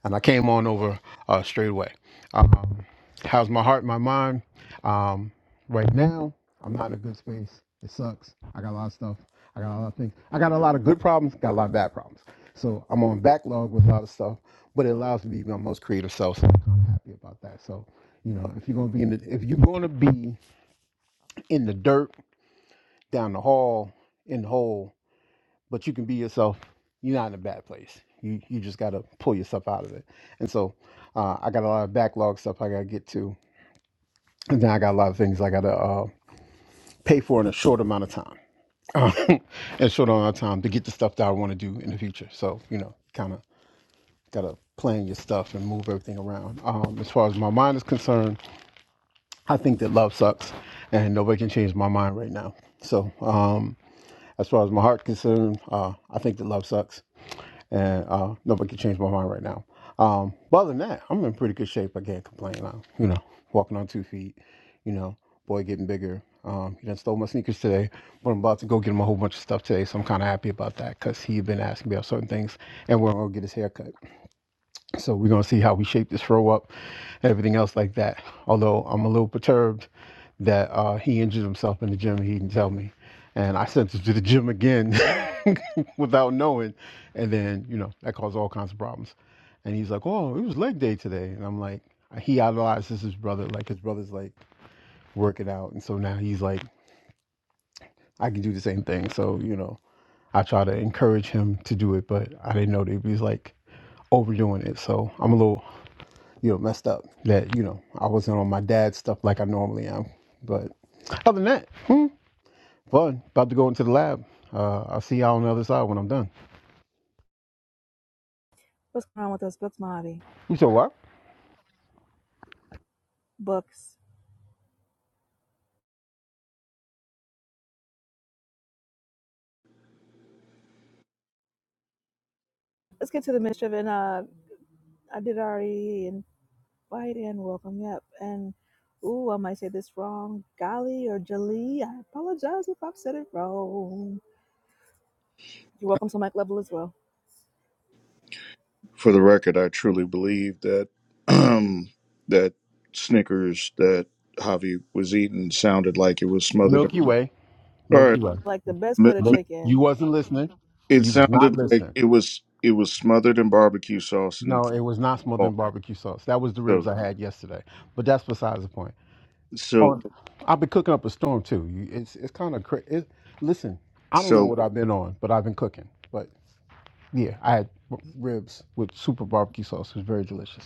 S13: and I came on over uh, straight away. Um, how's my heart, my mind? Um, right now, I'm not in a good space. It sucks. I got a lot of stuff. I got a lot of things. I got a lot of good problems, got a lot of bad problems. So I'm on backlog with a lot of stuff, but it allows me to be my most creative self. So I'm kind of happy about that. So, you know, if you're gonna be in the if you're gonna be in the dirt, down the hall, in the hole, but you can be yourself. You're not in a bad place. You you just gotta pull yourself out of it. And so uh, I got a lot of backlog stuff I gotta get to, and then I got a lot of things I gotta uh, pay for in a short amount of time, Uh, (laughs) in a short amount of time to get the stuff that I want to do in the future. So you know, kind of gotta plan your stuff and move everything around. Um, as far as my mind is concerned, I think that love sucks, and nobody can change my mind right now. So um, as far as my heart is concerned, uh, I think that love sucks and uh, nobody can change my mind right now. Um, but other than that, I'm in pretty good shape. I can't complain. I'm, you know, walking on two feet. You know, boy getting bigger. Um, he done stole my sneakers today, but I'm about to go get him a whole bunch of stuff today, so I'm kind of happy about that because he had been asking me about certain things, and we're gonna get his haircut. So we're gonna see how we shape this throw up, and everything else like that. Although I'm a little perturbed that uh, he injured himself in the gym. and He didn't tell me, and I sent him to the gym again (laughs) without knowing, and then you know that caused all kinds of problems. And he's like, "Oh, it was leg day today," and I'm like, he idolizes his brother. Like his brother's like working out, and so now he's like, I can do the same thing. So you know, I try to encourage him to do it, but I didn't know that he was like overdoing it. So I'm a little you know, messed up. That, you know, I wasn't on my dad's stuff like I normally am. But other than that, hmm, fun. About to go into the lab. Uh, I'll see y'all on the other side when I'm done.
S1: What's going on with us? Books, Marty.
S13: You said what?
S1: Books. Let's get to the mischief. And uh, I did already invite and welcome you up. And ooh, I might say this wrong. Golly or Jali. I apologize if I've said it wrong. You're welcome to Mike Level as well.
S3: For the record, I truly believe that (clears throat) that Snickers that Javi was eating sounded like it was smothered.
S13: Milky Way.
S3: All
S13: Milky Way.
S1: Like the best plate
S3: right,
S1: of
S13: Look,
S1: chicken.
S13: you wasn't listening.
S3: It
S13: You was not
S3: sounded like
S13: listening.
S3: it was it was smothered in barbecue sauce and
S13: No, it was not smothered
S3: football.
S13: in barbecue sauce. That was the ribs
S3: So
S13: I had yesterday. But that's besides the point.
S3: so
S13: On, I've been cooking up a storm too. You, it's it's kind of crazy. listen, I don't know
S3: so
S13: what I've been on, but I've been cooking. But Yeah, I had ribs with super barbecue sauce. It was very delicious.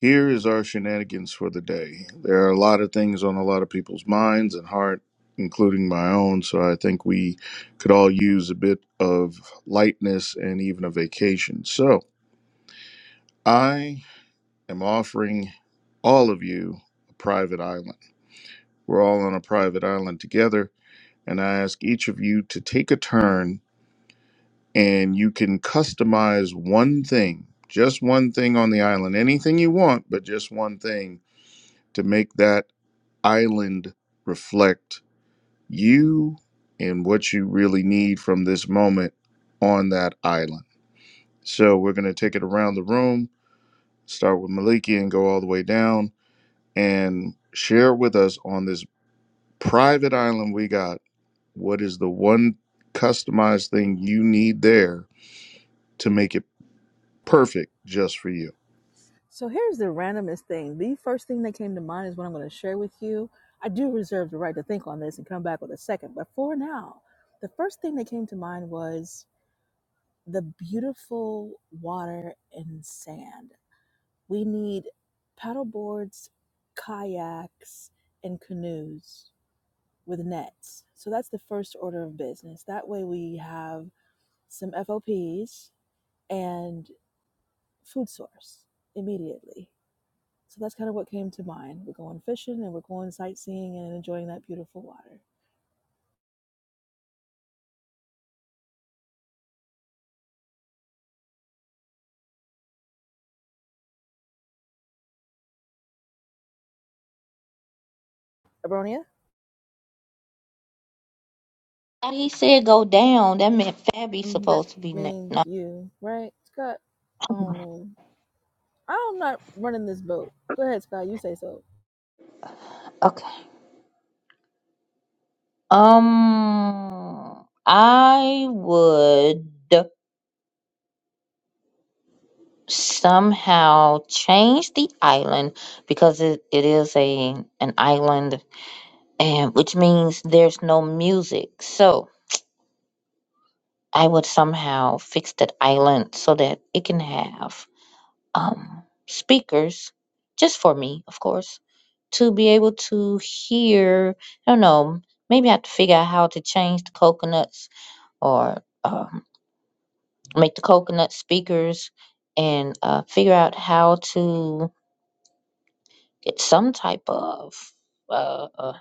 S3: here is our shenanigans for the day. There are a lot of things on a lot of people's minds and heart, including my own. So I think we could all use a bit of lightness and even a vacation. So I am offering all of you a private island. We're all on a private island together, and I ask each of you to take a turn and you can customize one thing, just one thing on the island, anything you want, but just one thing to make that island reflect you and what you really need from this moment on that island. So we're going to take it around the room, start with Maliki and go all the way down and share with us on this private island we got what is the one customized thing you need there to make it perfect just for you.
S1: So here's the randomest thing. The first thing that came to mind is what I'm going to share with you. I do reserve the right to think on this and come back with a second. But for now, the first thing that came to mind was the beautiful water and sand. We need paddle boards, kayaks, and canoes with nets. So that's the first order of business. That way we have some FOPs and food source immediately. So that's kind of what came to mind. We're going fishing and we're going sightseeing and enjoying that beautiful water. Abronia?
S2: Uh, He said go down. That meant Fabby's
S1: Um, that
S2: supposed to be next.
S1: means
S2: No.
S1: you, right, Scott? Oh no, I'm not running this boat. Go ahead, Scott. You say so.
S2: Okay. Um, I would. somehow change the island because it, it is a an island and which means there's no music so i would somehow fix that island so that it can have um speakers just for me of course to be able to hear i don't know maybe i have to figure out how to change the coconuts or um, make the coconut speakers and uh, figure out how to get some type of uh, uh,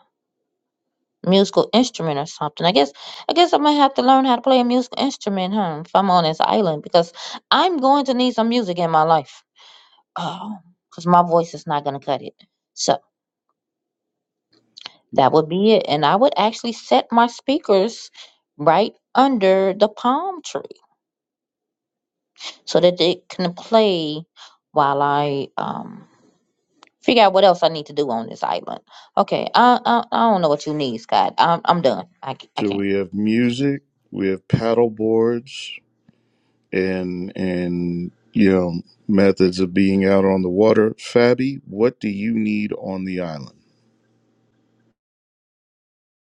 S2: musical instrument or something. I guess I guess i might have to learn how to play a musical instrument, huh? If I'm on this island, because I'm going to need some music in my life, Oh, because my voice is not gonna cut it. So that would be it, and I would actually set my speakers right under the palm tree so that they can play while I um figure out what else I need to do on this island. Okay, I I, I don't know what you need, Scott. I'm I'm done. I c- I
S3: So
S2: can't.
S3: we have music, we have paddle boards, and and you know methods of being out on the water. Fabi, what do you need on the island?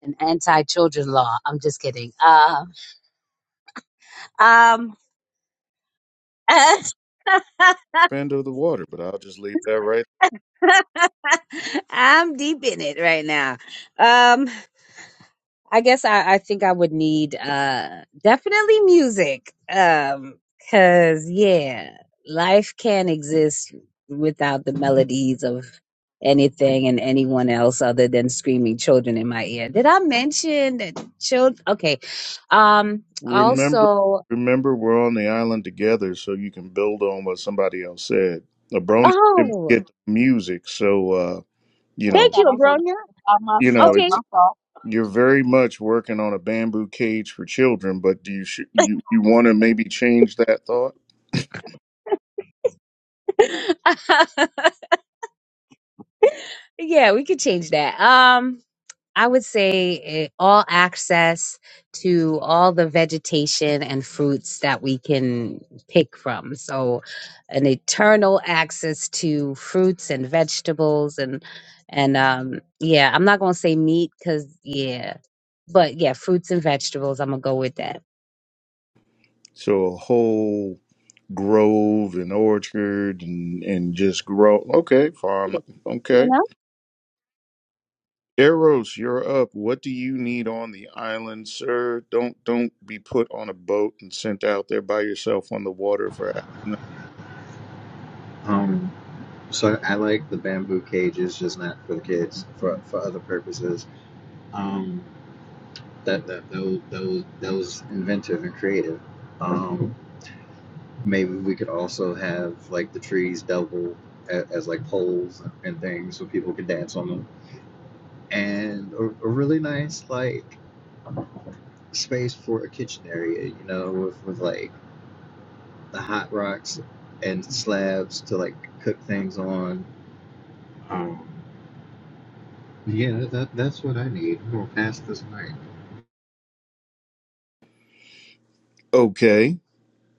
S6: an anti-children law. I'm just kidding. Um, um, (laughs)
S3: Friend of the water, but I'll just leave that right.
S6: I'm deep in it right now. Um, I guess I, I think I would need uh definitely music. Um, cause yeah, life can't exist without the melodies of anything and anyone else other than screaming children in my ear. Did I mention that children? Okay. Um,
S3: Remember,
S6: also,
S3: remember, we're on the island together, so you can build on what somebody else said. Abroni didn't
S6: oh.
S3: get the music, so uh, you
S2: Oh, I
S3: know,
S6: Thank
S2: thought
S6: you,
S2: I was on the
S6: Abronia.
S2: phone by
S3: you know,
S2: myself.
S6: Okay.
S3: it's
S2: My fault.
S3: you're very much working on a bamboo cage for children. But do you sh- you you want to maybe change that thought?
S6: (laughs) yeah, we could change that. Um, I would say eh, all access to all the vegetation and fruits that we can pick from. So, an eternal access to fruits and vegetables and and um, yeah, I'm not gonna say meat because yeah, but yeah, fruits and vegetables. I'm gonna go with that.
S3: So a whole grove and orchard and and just grow. Okay,
S6: Eat
S3: farm.
S6: it, You
S3: Okay.
S6: know.
S3: Eros, you're up. What do you need on the island, sir? Don't don't be put on a boat and sent out there by yourself on the water for.
S8: Um, so I like the bamboo cages, just not for the kids, for for other purposes. Um, that that those those those inventive and creative. Um, maybe we could also have like the trees double as, as like poles and things so people could dance on them and a, a really nice like space for a kitchen area, you know, with, with like the hot rocks and slabs to like cook things on. Um, yeah, that that's what I need. I'm gonna pass this night.
S3: Okay,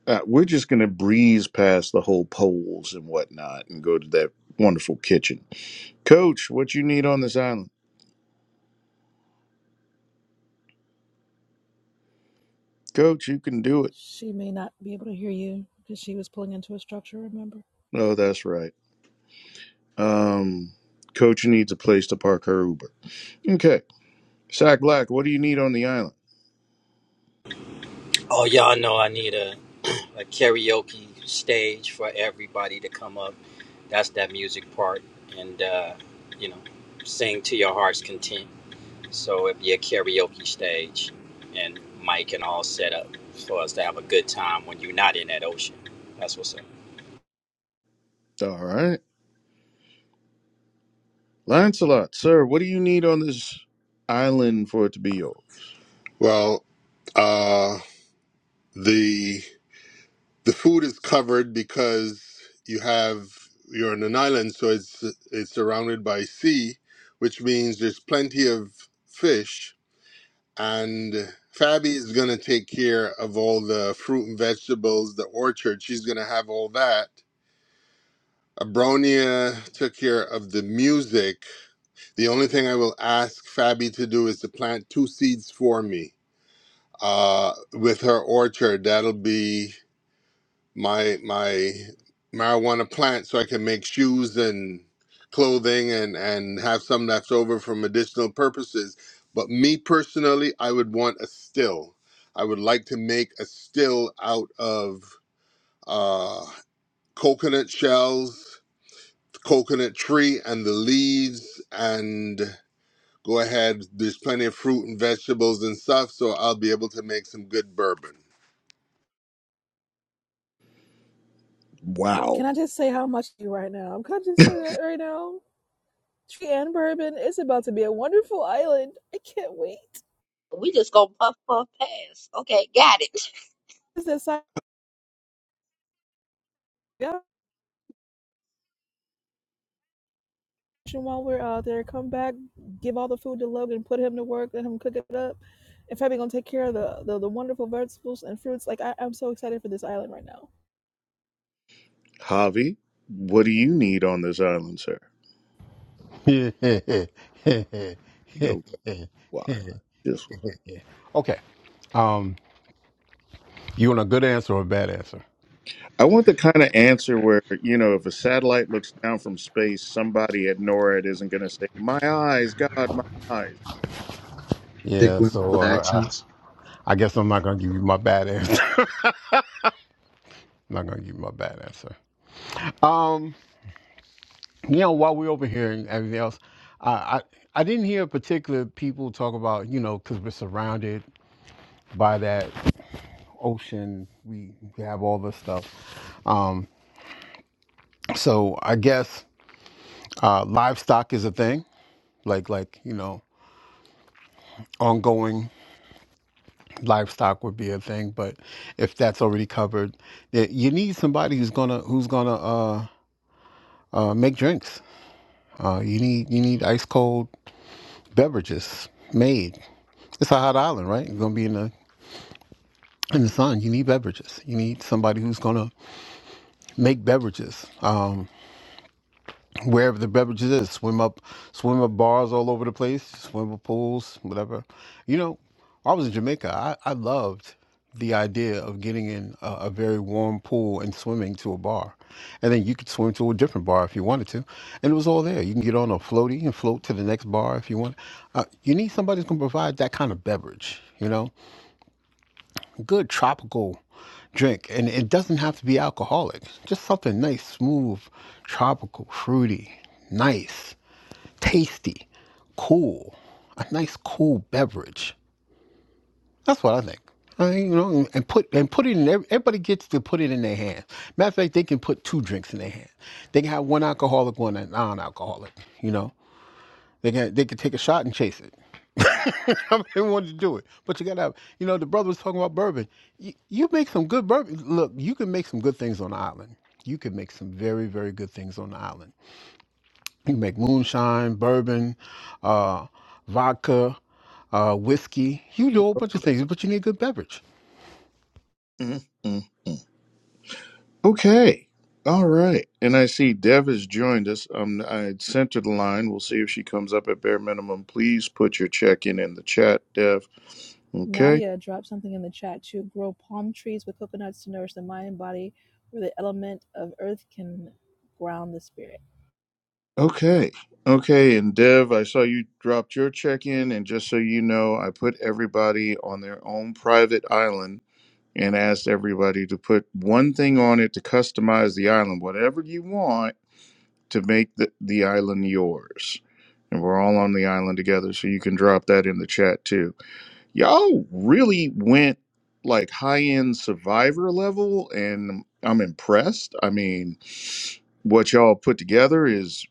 S3: uh, we're just gonna breeze past the whole poles and whatnot and go to that wonderful kitchen. Coach, what you need on this island? Coach, you can do it.
S1: She may not be able to hear you because she was pulling into a structure, remember?
S3: Oh, that's right. Um, Coach needs a place to park her Uber. Okay. Sack Black, what do you need on the island?
S11: Oh, y'all know I need a, (clears throat) a karaoke stage for everybody to come up. That's that music part. And, uh, you know, sing to your heart's content. So it'd be a karaoke stage and mic and all set up for us to have a good time when you're not in that ocean. That's what's up.
S3: All right. Lancelot, sir, what do you need on this island for it to be yours?
S12: Well, uh, the the food is covered because you have you're on an island, so it's it's surrounded by sea, which means there's plenty of fish and Fabi is going to take care of all the fruit and vegetables, the orchard. She's going to have all that. Abronia took care of the music. The only thing I will ask Fabi to do is to plant two seeds for me uh, with her orchard. That'll be my my marijuana plant so I can make shoes and clothing and and have some left over for medicinal purposes. But me personally, I would want a still. I would like to make a still out of uh, coconut shells, coconut tree, and the leaves, and go ahead. There's plenty of fruit and vegetables and stuff, so I'll be able to make some good bourbon.
S3: Wow.
S1: Can I just say how much you right now? Can I just say that right now? Tree and bourbon, it's about to be a wonderful island. I can't wait.
S2: We just gonna puff puff pass. Okay, got it.
S1: This is exciting. kitchen while we're out there. Come back, give all the food to Logan, put him to work, let him cook it up. And Fabi gonna take care of the, the the wonderful vegetables and fruits. Like I, I'm so excited for this island right now.
S3: Javi, what do you need on this island, sir? No,
S13: (laughs)
S3: why? Just why?
S13: Okay. Um, you want a good answer or a bad answer?
S3: I want the kind of answer where, you know, if a satellite looks down from space, somebody at NORAD isn't going to say, My eyes, God, my eyes.
S8: Dick
S13: Yeah,
S8: went up
S13: so
S8: with
S13: uh,
S8: accents.
S13: I, I guess I'm not gonna give you my bad answer. (laughs) I'm not gonna give you my bad answer. Um, you know, while we're over here and everything else, I I, I didn't hear particular people talk about you know because we're surrounded by that ocean. We we have all this stuff. Um, so I guess Uh, livestock is a thing, like like you know, ongoing livestock would be a thing. But if that's already covered, that you need somebody who's gonna who's gonna uh, uh, make drinks. Uh, you need you need ice cold beverages made. It's a hot island, right? You're gonna be in the in the sun. You need beverages. You need somebody who's gonna make beverages. Um, wherever the beverages is. Swim up, swim up bars all over the place, swim up pools, whatever. You know, I was in Jamaica. I, I loved the idea of getting in a, a very warm pool and swimming to a bar, and then you could swim to a different bar if you wanted to, and it was all there. You can get on a floaty and float to the next bar if you want. Uh, you need somebody who's gonna provide that kind of beverage. You know, good tropical drink and it doesn't have to be alcoholic just something nice smooth tropical fruity nice tasty, cool, a nice cool beverage. That's what I think. I mean, you know, and put and put it in. Everybody gets to put it in their hand. Matter of fact, they can put two drinks in their hand. They can have one alcoholic, one non-alcoholic. You know, they can they can take a shot and chase it. (laughs) I mean, wanted to do it, but you gotta. Have, you know, the brother was talking about bourbon. You, you make some good bourbon. Look, you can make some good things on the island. You can make some very very good things on the island you can make moonshine, bourbon, uh, vodka, uh, whiskey. You do a whole bunch of things, but you need good beverage.
S3: Mm, mm, mm. Okay. All right. And I see Dev has joined us. Um, I sent her the line. We'll see if she comes up at bare minimum. Please put your check in in the chat, Dev. Okay.
S1: Nadia dropped something in the chat to grow palm trees with coconuts to nourish the mind and body, where the element of earth can ground the spirit.
S3: Okay. Okay. And Dev, I saw you dropped your check in. And just so you know, I put everybody on their own private island and asked everybody to put one thing on it to customize the island, whatever you want to make the, the island yours. And we're all on the island together. So you can drop that in the chat too. y'all really went like high end survivor level and i'm impressed i mean what y'all put together is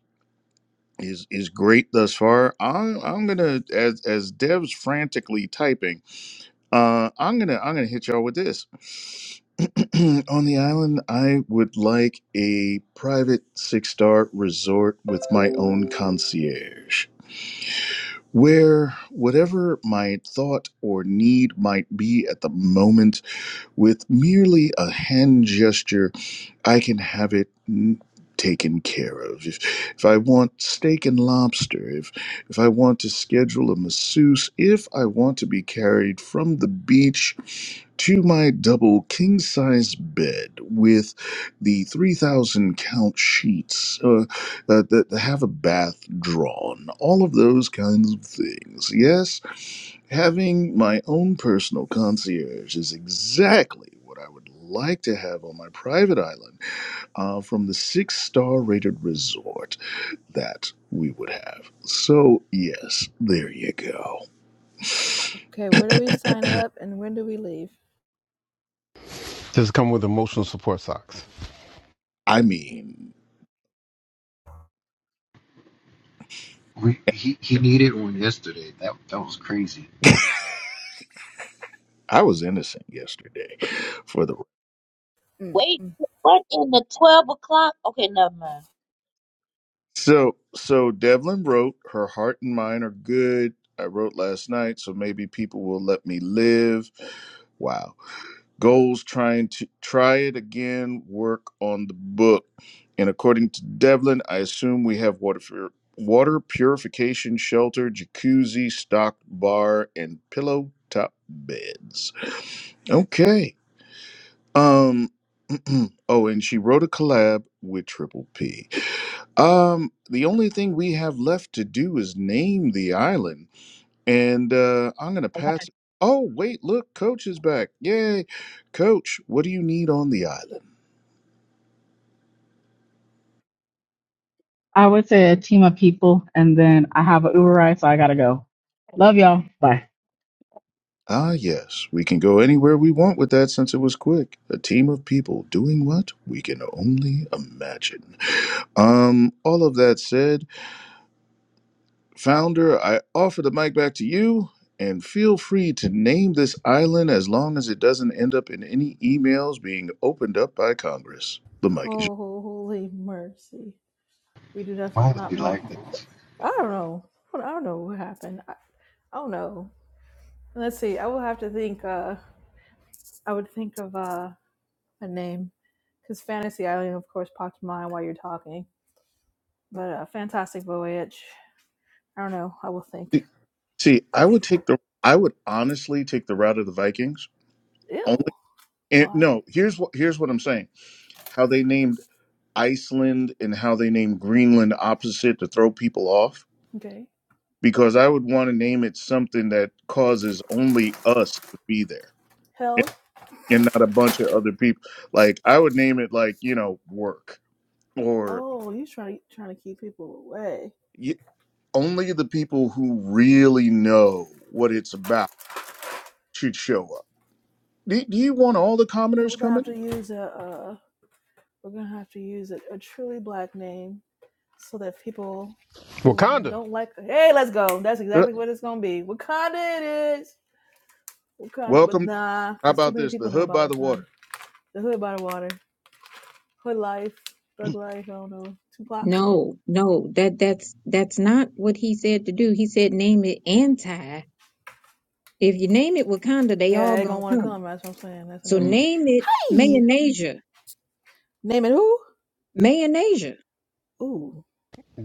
S3: is is great thus far i'm i'm gonna as as dev's frantically typing uh i'm gonna i'm gonna hit y'all with this (clears throat) on the island i would like a private six star resort with my own concierge where whatever my thought or need might be at the moment With merely a hand gesture, I can have it mm, taken care of. If, if I want steak and lobster, if, if I want to schedule a masseuse, if I want to be carried from the beach to my double king size bed with the 3,000 count sheets uh, uh, that have a bath drawn, all of those kinds of things. Yes, Having my own personal concierge is exactly what I would like to have on my private island uh, from the six star rated resort that we would have. So, yes, there you go.
S1: Okay, where do we sign up and when do we leave?
S13: Just come with emotional support socks.
S3: I mean,
S8: We, he he needed one yesterday. That that was crazy.
S3: I was innocent yesterday for the.
S1: Mm,
S2: Wait,
S1: mm.
S2: what in the twelve o'clock? Okay, never mind.
S3: So, so Devlin wrote, her heart and mine are good. I wrote last night, so maybe people will let me live. Wow. Goals trying to try it again, work on the book. And according to Devlin, I assume we have water for water purification shelter, jacuzzi, stocked bar, and pillow top beds. Okay. Um (clears throat) oh, and she wrote a collab with Triple P. Um, the only thing we have left to do is name the island. And uh I'm gonna pass Oh wait, look, Coach is back. Yay. Coach, what do you need on the island?
S10: I would say a team of people, and then I have an Uber ride, so I gotta go. Love y'all. Bye.
S3: Ah, yes, we can go anywhere we want with that since it was quick. A team of people doing what? We can only imagine. Um, all of that said, founder, I offer the mic back to you, and feel free to name this island as long as it doesn't end up in any emails being opened up by Congress. The mic is
S1: Holy mercy. We do not,
S8: Why was
S1: not
S8: he
S1: want
S8: like
S1: this.
S8: this?
S1: I don't know. I don't know what happened. I, I don't know. Let's see. I will have to think. Uh, I would think of uh, a name because Fantasy Island, of course, popped in mind while you're talking. But uh, Fantastic Voyage. I don't know. I will think.
S3: yours. See, see, I would take the I would honestly take the route of the Vikings. Only
S1: Ew.
S3: and
S1: Why?
S3: no, here's what here's what I'm saying. How they named Iceland and how they name Greenland opposite to throw people off?
S1: Okay.
S3: Because I would want to name it something that causes only us to be there
S1: Hell.
S3: and, and not a bunch of other people. Like, I would name it, like, you know, work or
S1: Oh, he's trying to trying to keep people away.
S3: y- only the people who really know what it's about should show up. Do, do you want all the commoners
S1: We're gonna have
S3: coming?
S1: to use a. Uh, we're gonna have to use a, a truly black name so that people who
S13: Wakanda. (laughs)
S1: don't like. Hey, let's go. That's
S3: Uh,
S1: exactly what it's gonna be. Wakanda it is. Wakanda, but
S3: Welcome.
S1: nah,
S3: How
S1: because too
S3: about
S1: many
S3: this? The
S1: people know
S3: hood
S1: about
S3: by the
S1: Wakanda.
S3: water.
S1: The Hood by the Water, Hood Life, Thug Life, I don't know, Tupac.
S14: No, no, that that's that's not what he said to do. He said name it anti. If you name it Wakanda, they all
S1: Yeah, they gonna
S14: gonna
S1: wanna
S14: come.
S1: come. That's what I'm saying. That's a
S14: So
S3: Mm.
S1: no.
S14: name it
S1: Hey,
S14: Mayonnaise.
S1: name it who?
S14: Mayonnaise.
S1: Ooh,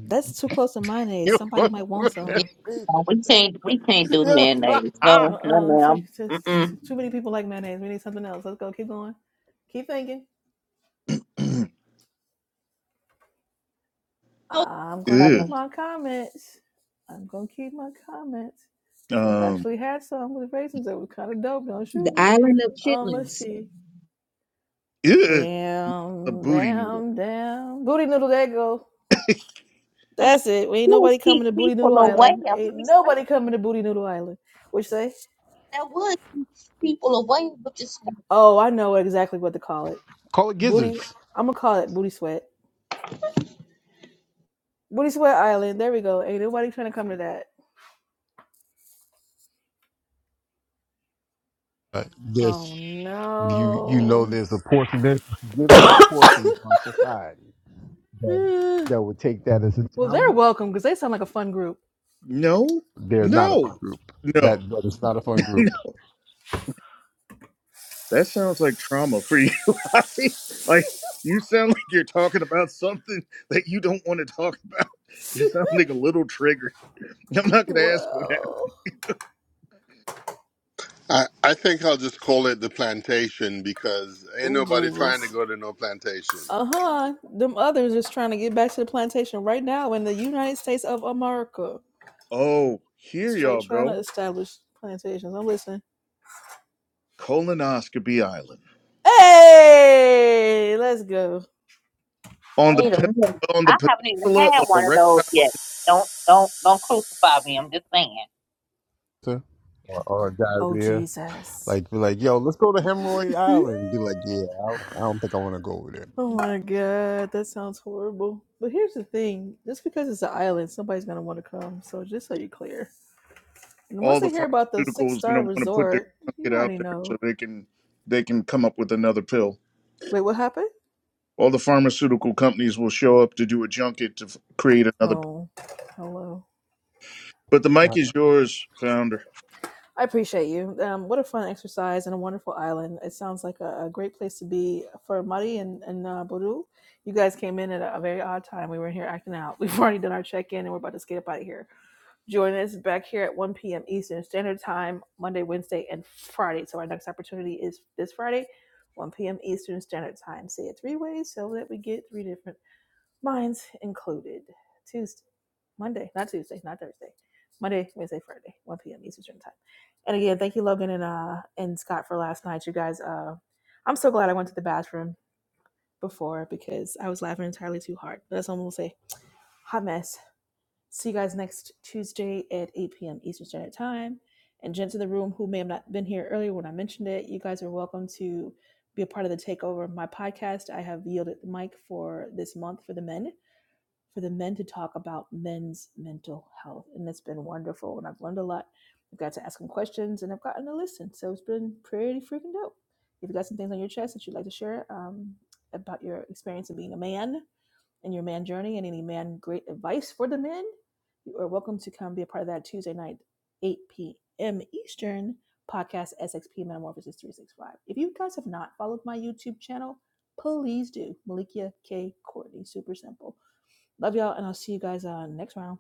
S1: that's too close to mayonnaise.
S13: You
S1: Somebody
S13: know
S1: might want
S13: what I'm
S2: Yeah,
S1: some.
S2: no, we can't. We can't do mayonnaise.
S13: saying?
S1: Uh,
S2: No, no,
S1: uh too,
S2: ma'am.
S1: too,
S2: Mm-mm.
S1: too many people like mayonnaise. We need something else. Let's go. Keep going. Keep thinking.
S3: (clears throat)
S2: No,
S1: I'm gonna
S3: Ew.
S1: keep
S2: ma'am.
S1: my comments. I'm gonna keep my comments because I've
S3: Um,
S1: actually had some with raisins that was kind of dope. Don't
S14: The
S1: shoot me.
S14: island of
S1: Um, let's
S14: chitlins.
S1: see.
S3: ew. A
S1: Damn,
S3: booty noodle.
S1: damn, damn. Booty noodle, there you go.
S2: And that
S1: That's it. We ain't
S2: would
S1: nobody coming
S2: keep
S1: to Booty
S2: people
S1: Noodle
S2: away.
S1: Island.
S2: I'm
S1: Ain't
S2: just saying,
S1: nobody coming to Booty Noodle Island. Which say?
S2: That would keep people away. But just
S1: Oh, I know exactly what to call it.
S13: (laughs) Call it
S1: Booty.
S13: gizzards.
S1: I'm gonna call it Booty Sweat. Booty Sweat Island. There we go. Ain't nobody trying to come to that.
S13: Uh,
S1: Oh
S13: this you you know
S1: no. (sighs)
S13: there's a portion there's a significant portion of our society that,
S1: Eh.
S13: that would take that as a
S1: well, they're
S13: challenge.
S1: welcome because they sound like a fun group.
S3: No,
S13: They're not a
S3: no,
S13: fun group.
S3: no.
S13: That that is not a fun group.
S3: That sounds like trauma for you. (laughs) right? like you sound like you're talking about something that you don't want to talk about.
S1: (laughs)
S3: You sound like a little triggered. I'm not gonna ask what happened.
S1: well.
S12: I, I think I'll just call it the plantation because ain't
S1: Oh
S12: nobody trying to
S1: Jesus.
S12: go to no plantation.
S1: Uh huh. Them others just trying to get back to the plantation right now in the United States of America.
S3: Oh, here
S1: Straight
S3: y'all
S1: trying to
S3: go.
S1: establish plantations. I'm listening.
S3: Colonoscopy Island
S1: Hey, let's go.
S3: on the
S2: wait a
S3: pen-
S2: minute.
S3: on the
S2: I haven't even
S3: peninsula
S2: had
S3: of
S2: one of
S3: erectile.
S2: those yet. Don't don't don't crucify me. I'm just saying.
S13: Or, or
S1: Oh,
S13: diarrhea.
S1: Jesus.
S13: Like, be like, yo, let's go to
S1: (laughs)
S13: Hemorrhoid Island. Be like, yeah, I, I don't think I want to go over there.
S1: Oh my God, that sounds horrible. But here's the thing just because it's an island, somebody's going to want to come. So just so you're clear. And once
S3: All the
S1: they hear about the six
S3: pharmaceuticals gonna
S1: star
S3: want to put their
S1: resort, you
S3: it out
S1: already
S3: there so
S1: know.
S3: they can they can come up with another pill.
S1: Wait, what happened?
S3: All the pharmaceutical companies will show up to do a junket to f- create another pill.
S1: Oh, hello.
S3: But the mic is yours, founder.
S1: I appreciate you. Um, what a fun exercise and a wonderful island. It sounds like a, a great place to be for Mari and, and uh, Bodu. You guys came in at a, a very odd time. We were in here acting out. (laughs) We've already done our check in and we're about to skate up out of here. Join us back here at 1 p.m. Eastern Standard Time, Monday, Wednesday, and Friday. So our next opportunity is this Friday, 1 p.m. Eastern Standard Time. Say it three ways so that we get three different mine's included. Tuesday, Monday, not Tuesday, not Thursday. Monday, Wednesday, Friday, 1 p.m. Eastern time. And again, thank you, Logan and uh and Scott for last night. You guys, uh, I'm so glad I went to the bathroom before because I was laughing entirely too hard. That's all I'm gonna say. Hot mess. See you guys next Tuesday at 8 p.m. Eastern Standard Time. And gents in the room who may have not been here earlier when I mentioned it, you guys are welcome to be a part of the takeover of my podcast. I have yielded the mic for this month for the men for the men to talk about men's mental health. And it's been wonderful. And I've learned a lot. I've got to ask them questions and I've gotten to listen. So it's been pretty freaking dope. If you got some things on your chest that you'd like to share um, about your experience of being a man and your man journey and any man great advice for the men, you are welcome to come be a part of that Tuesday night, 8 p.m. Eastern podcast, SXP Metamorphosis 365. If you guys have not followed my YouTube channel, please do. Malikia K. Courtney, super simple Love y'all, and I'll see you guys uh, next round.